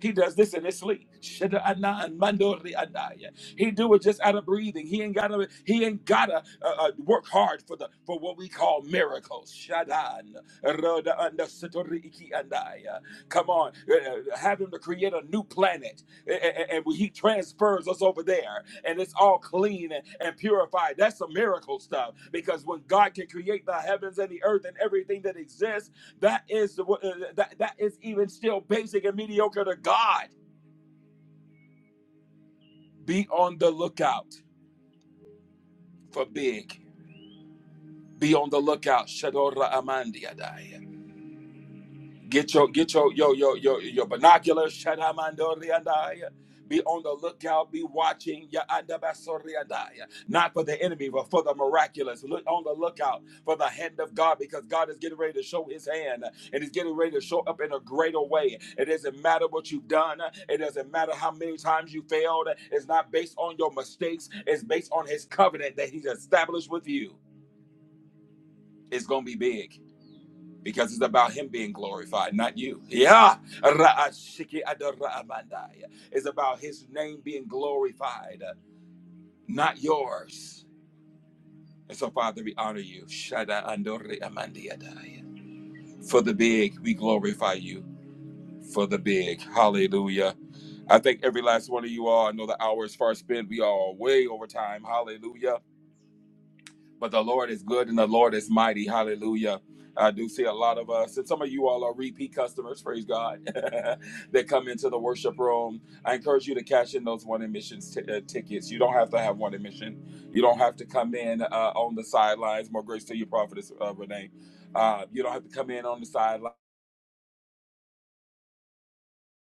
S1: He does this in his sleep. Shada ana and mandori anaya. He do it just out of breathing. He ain't gotta. He ain't gotta uh, uh, work hard for the for what we call miracles. Shadan roda anda satori iki andaya. Come on, uh, uh, have him to create a new planet, A- a- a- and he transfers us over there, and it's all clean and, and purified. That's some miracle stuff because when God can create the heavens and the earth and everything that exists that is the- uh, that that is even still basic and mediocre to God. Be on the lookout for big. Be on the lookout. Shadora Amandiadai. Get your get your yo yo yo your binoculars. Be on the lookout. Be watching. Not for the enemy, but for the miraculous. Look on the lookout for the hand of God, because God is getting ready to show His hand, and He's getting ready to show up in a greater way. It doesn't matter what you've done. It doesn't matter how many times you failed. It's not based on your mistakes. It's based on His covenant that He's established with you. It's gonna be big because it's about him being glorified, not you. Yeah. Ra'ashiki It's about his name being glorified, not yours. And so, Father, we honor you. For the big, we glorify you. For the big. Hallelujah. I thank every last one of you all. I know the hour is far spent. We are way over time. Hallelujah. But the Lord is good and the Lord is mighty. Hallelujah. I do see a lot of us, and some of you all are repeat customers, praise God, [LAUGHS] that come into the worship room. I encourage you to cash in those one admissions t- uh, tickets. You don't have to have one admission. You don't have to come in uh, on the sidelines. More grace to you, Prophetess uh, Renee. Uh, you don't have to come in on the sidelines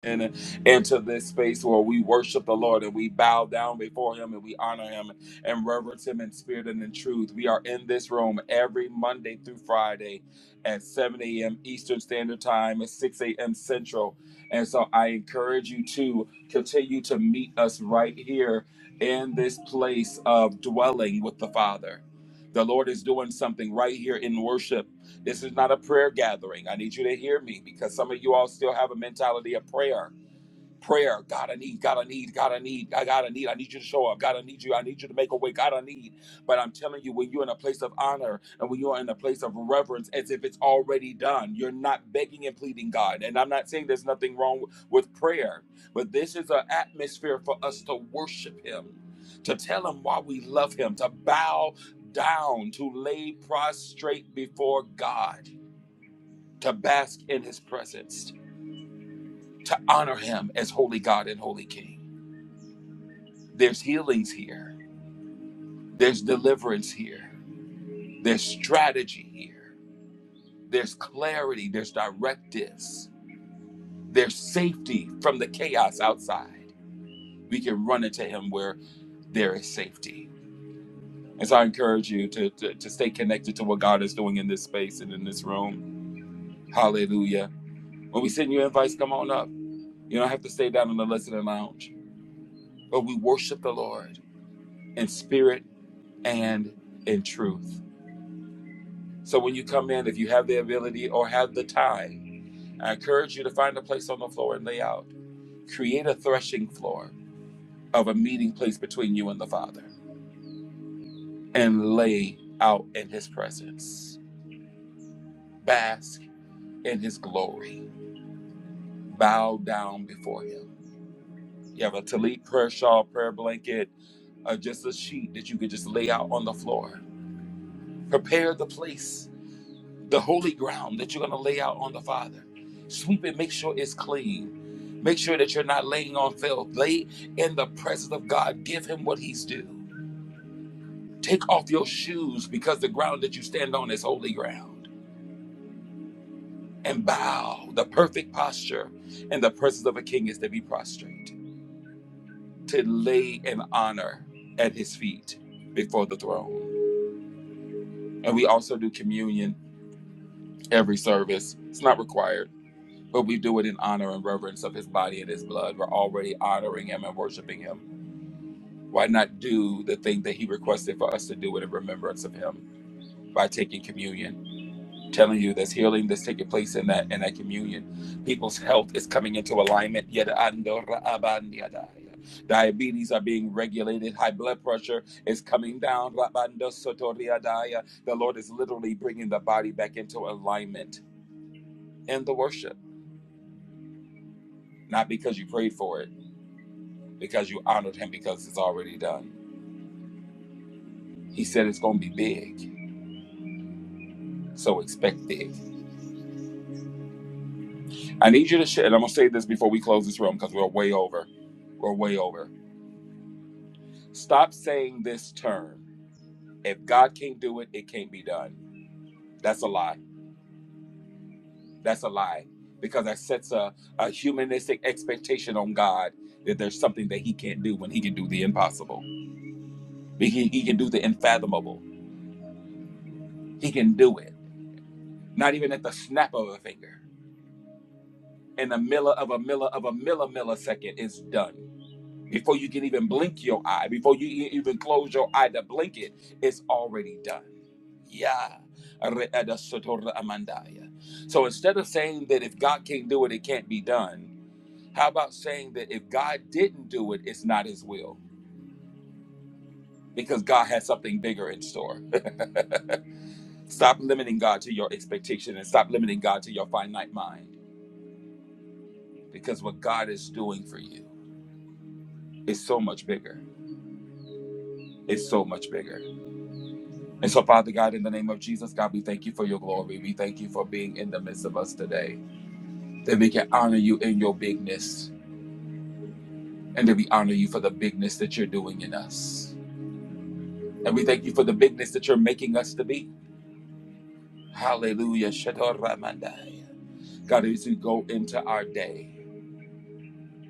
S1: and into this space where we worship the Lord and we bow down before Him and we honor Him and reverence Him in spirit and in truth. We are in this room every Monday through Friday at 7 a.m. Eastern Standard Time and 6 a.m. Central. And so I encourage you to continue to meet us right here in this place of dwelling with the Father. The Lord is doing something right here in worship this is not a prayer gathering. I need you to hear me because some of you all still have a mentality of prayer. Prayer, God, I need, God, I need, God, I need, I God, I need, I need you to show up, God, I need you, I need you to make a way, God, I need. But I'm telling you, when you're in a place of honor and when you're in a place of reverence, as if it's already done, you're not begging and pleading God. And I'm not saying there's nothing wrong with prayer, but this is an atmosphere for us to worship Him, to tell Him why we love Him, to bow down, to lay prostrate before God to bask in his presence, to honor him as holy God and holy King. There's healings here, there's deliverance here, there's strategy here, there's clarity, there's directives, there's safety from the chaos outside. We can run into him where there is safety. And so I encourage you to, to, to stay connected to what God is doing in this space and in this room. Hallelujah. When we send you invites, come on up. You don't have to stay down in the listening lounge, but we worship the Lord. in spirit and in truth. So when you come in, if you have the ability or have the time, I encourage you to find a place on the floor and lay out. Create a threshing floor of a meeting place between you and the Father and lay out in His presence. Bask in His glory. Bow down before Him. You have a tallit prayer shawl, prayer blanket, or just a sheet that you could just lay out on the floor. Prepare the place the holy ground that you're going to lay out on the Father. Sweep it, make sure it's clean. Make sure that you're not laying on filth. Lay in the presence of God. Give him what he's due. Take off your shoes because the ground that you stand on is holy ground. And bow. The perfect posture in the presence of a king is to be prostrate, to lay in honor at his feet before the throne. And we also do communion every service. It's not required but we do it in honor and reverence of his body and his blood. We're already honoring him and worshiping him. Why not do the thing that he requested for us to do it in remembrance of him by taking communion? Telling you there's healing that's taking place in that in that communion. People's health is coming into alignment. Yada ando ra Diabetes are being regulated. High blood pressure is coming down. Rabando sotori The Lord is literally bringing the body back into alignment in the worship, not because you prayed for it because you honored him because it's already done. He said it's going to be big, so expect big. I need you to share, and I'm going to say this before we close this room because we're way over. We're way over. Stop saying this term. If God can't do it, it can't be done. That's a lie. That's a lie because that sets a, a humanistic expectation on God that there's something that he can't do when he can do the impossible. He, he can do the unfathomable. He can do it, not even at the snap of a finger. in a milli of a milli of a milli millisecond it's done. Before you can even blink your eye, before you e- even close your eye to blink it, it's already done. Yeah. So instead of saying that if God can't do it, it can't be done, how about saying that if God didn't do it, it's not his will? Because God has something bigger in store. [LAUGHS] Stop limiting God to your expectation and stop limiting God to your finite mind. Because what God is doing for you is so much bigger. It's so much bigger. And so, Father God, in the name of Jesus, God, we thank you for your glory. We thank you for being in the midst of us today, that we can honor you in your bigness, and that we honor you for the bigness that you're doing in us. And we thank you for the bigness that you're making us to be. Hallelujah. Shaddai Ramandai. God, as we go into our day,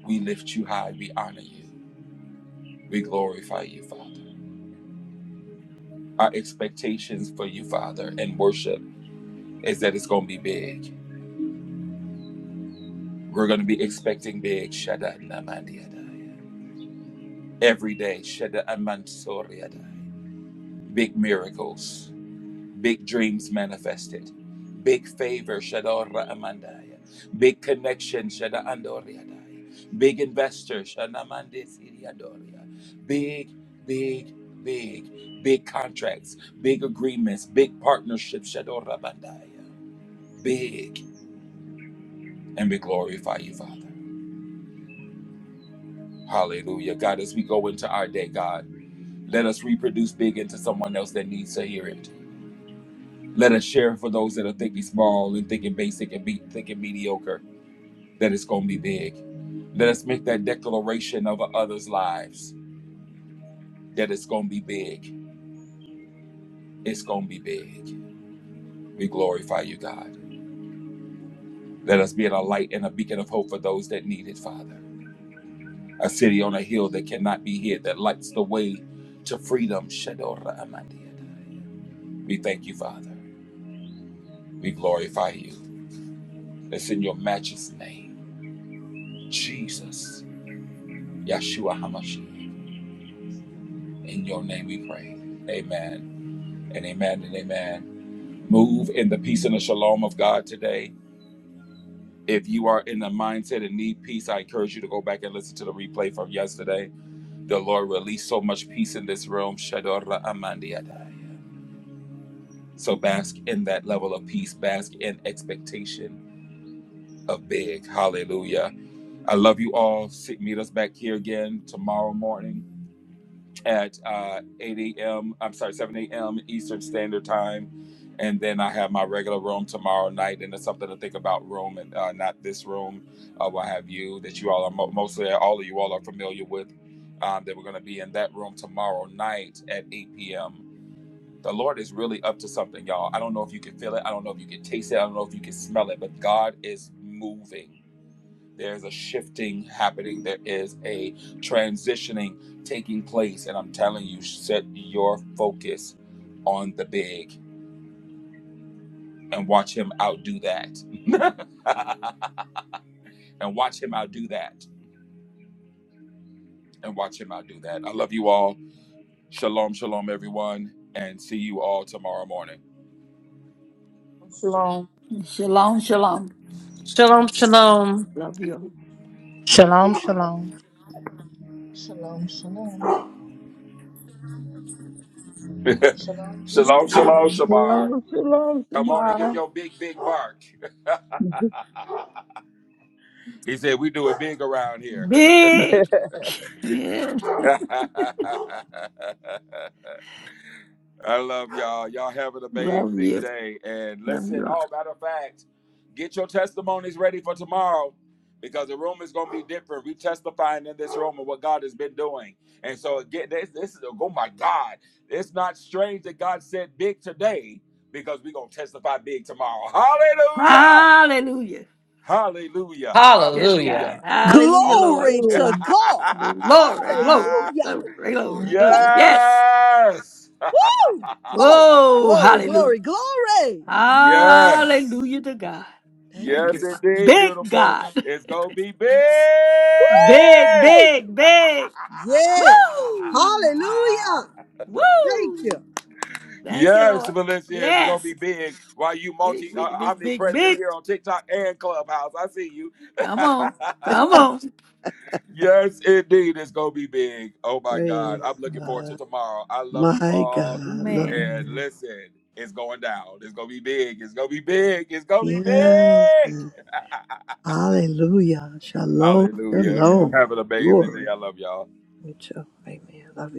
S1: we lift you high, we honor you, we glorify you, Father. Our expectations for you, Father, and worship is that it's going to be big. We're going to be expecting big Shada Namandiadai. Every day, Shada Amansoriadai. Big miracles, big dreams manifested, big favor, Shadora Amandaya. Big connection, Shada Andoriadai. Big investor, Shada Mandesiriadoria. Big, big, big, big contracts, big agreements, big partnerships, Shadora Bandaya. Big, and we glorify you, Father. Hallelujah. God, as we go into our day, God. Let us reproduce big into someone else that needs to hear it. Let us share for those that are thinking small and thinking basic and be, thinking mediocre that it's going to be big. Let us make that declaration over others' lives that it's going to be big. It's going to be big. We glorify you, God. Let us be a light and a beacon of hope for those that need it, Father. A city on a hill that cannot be hid, that lights the way to freedom. Shadora Amandiadai. We thank you, Father. We glorify you. It's in your matchless name. Jesus, Yeshua HaMashiach. In your name we pray. Amen and amen and amen. Move in the peace and the shalom of God today. If you are in the mindset and need peace, I encourage you to go back and listen to the replay from yesterday. The Lord released so much peace in this room. Shadora Amandiadai. So bask in that level of peace, bask in expectation of big. Hallelujah. I love you all. See- Meet us back here again tomorrow morning. at uh, 8 a.m. I'm sorry, 7 a.m. Eastern Standard Time. And then I have my regular room tomorrow night. And it's something to think about room and uh, not this room. Uh, we'll have you that you all are mo- mostly all of you all are familiar with um, that we're going to be in that room tomorrow night at 8 p.m. The Lord is really up to something, y'all. I don't know if you can feel it. I don't know if you can taste it. I don't know if you can smell it, but God is moving. There's a shifting happening. There is a transitioning taking place. And I'm telling you, set your focus on the big and watch him outdo that. [LAUGHS] and watch him outdo that. And watch him outdo that. I love you all. Shalom, shalom, everyone. And see you all tomorrow morning.
S9: Shalom.
S4: Shalom, shalom.
S7: Shalom, shalom.
S4: Love you. all.
S9: Be
S6: Shalom,
S9: blessed.
S6: shalom.
S10: Shalom, shalom, shalom, shalom,
S1: Shalom, shalom,
S8: Hallelujah.
S10: shalom.
S1: Shamar.
S9: Shalom, shalom,
S1: Come on and give
S9: Shamar.
S1: your big, big bark.
S9: [LAUGHS]
S1: [LAUGHS] he said, We do it big around here.
S4: Big.
S1: [LAUGHS]
S4: Yes,
S1: I love y'all. Y'all have an
S4: love
S1: amazing
S4: you.
S1: day. And
S4: Love
S1: listen,
S4: you all.
S1: oh, matter of fact, get your testimonies ready for tomorrow because the room is going to be different. We testifying in this room of what God has been doing. And so, again, this, this is, oh my God, it's not strange that God said big today because we're going to testify big tomorrow. Hallelujah.
S4: Hallelujah.
S1: Hallelujah.
S4: Yes,
S7: Hallelujah.
S4: God.
S1: Hallelujah.
S4: Hallelujah, Lord.
S2: Glory to God.
S4: Glory, glory,
S1: [LAUGHS]
S2: Hallelujah.
S4: glory, glory, glory.
S2: Thank
S10: Hallelujah.
S2: you.
S4: Yes.
S1: yes.
S2: Woo!
S4: Oh,
S2: Glory, glory,
S1: [LAUGHS]
S4: hallelujah.
S2: glory, glory.
S1: yes.
S4: Hallelujah to God.
S2: Thank
S4: Thank
S2: you.
S1: Yes,
S4: you.
S2: Jesus.
S4: Father.
S1: indeed,
S4: Big
S1: beautiful.
S4: God.
S1: It's going to be big.
S4: Big,
S2: Woo!
S4: big, big.
S2: Yes.
S4: Woo!
S2: Hallelujah.
S1: [LAUGHS]
S2: Thank
S4: Woo!
S2: you.
S4: Thank you,
S1: yes,
S4: Lord.
S1: Valencia, it's going to
S4: Yes.
S1: be big. While you
S4: Big,
S1: multi uh,
S4: big, big, big,
S1: omnipresent
S4: big.
S1: here on TikTok and Clubhouse, I see you.
S4: Come on.
S1: [LAUGHS]
S4: Come on.
S1: Yes, indeed. It's going to be big. Oh, my God.
S2: Praise
S1: I'm looking forward to
S2: God.
S1: tomorrow. I love you
S2: My
S1: all.
S2: God. Love
S4: Amen.
S1: And
S2: you.
S1: listen, it's going down. It's going to be big. It's going to be big. It's going to be
S2: Yes.
S1: big.
S2: Hallelujah.
S1: [LAUGHS]
S2: Shalom.
S1: Hallelujah. Y'all
S2: Shalom.
S1: have an amazing day.
S2: Glory.
S1: I love y'all.
S2: You too. Amen. Love you.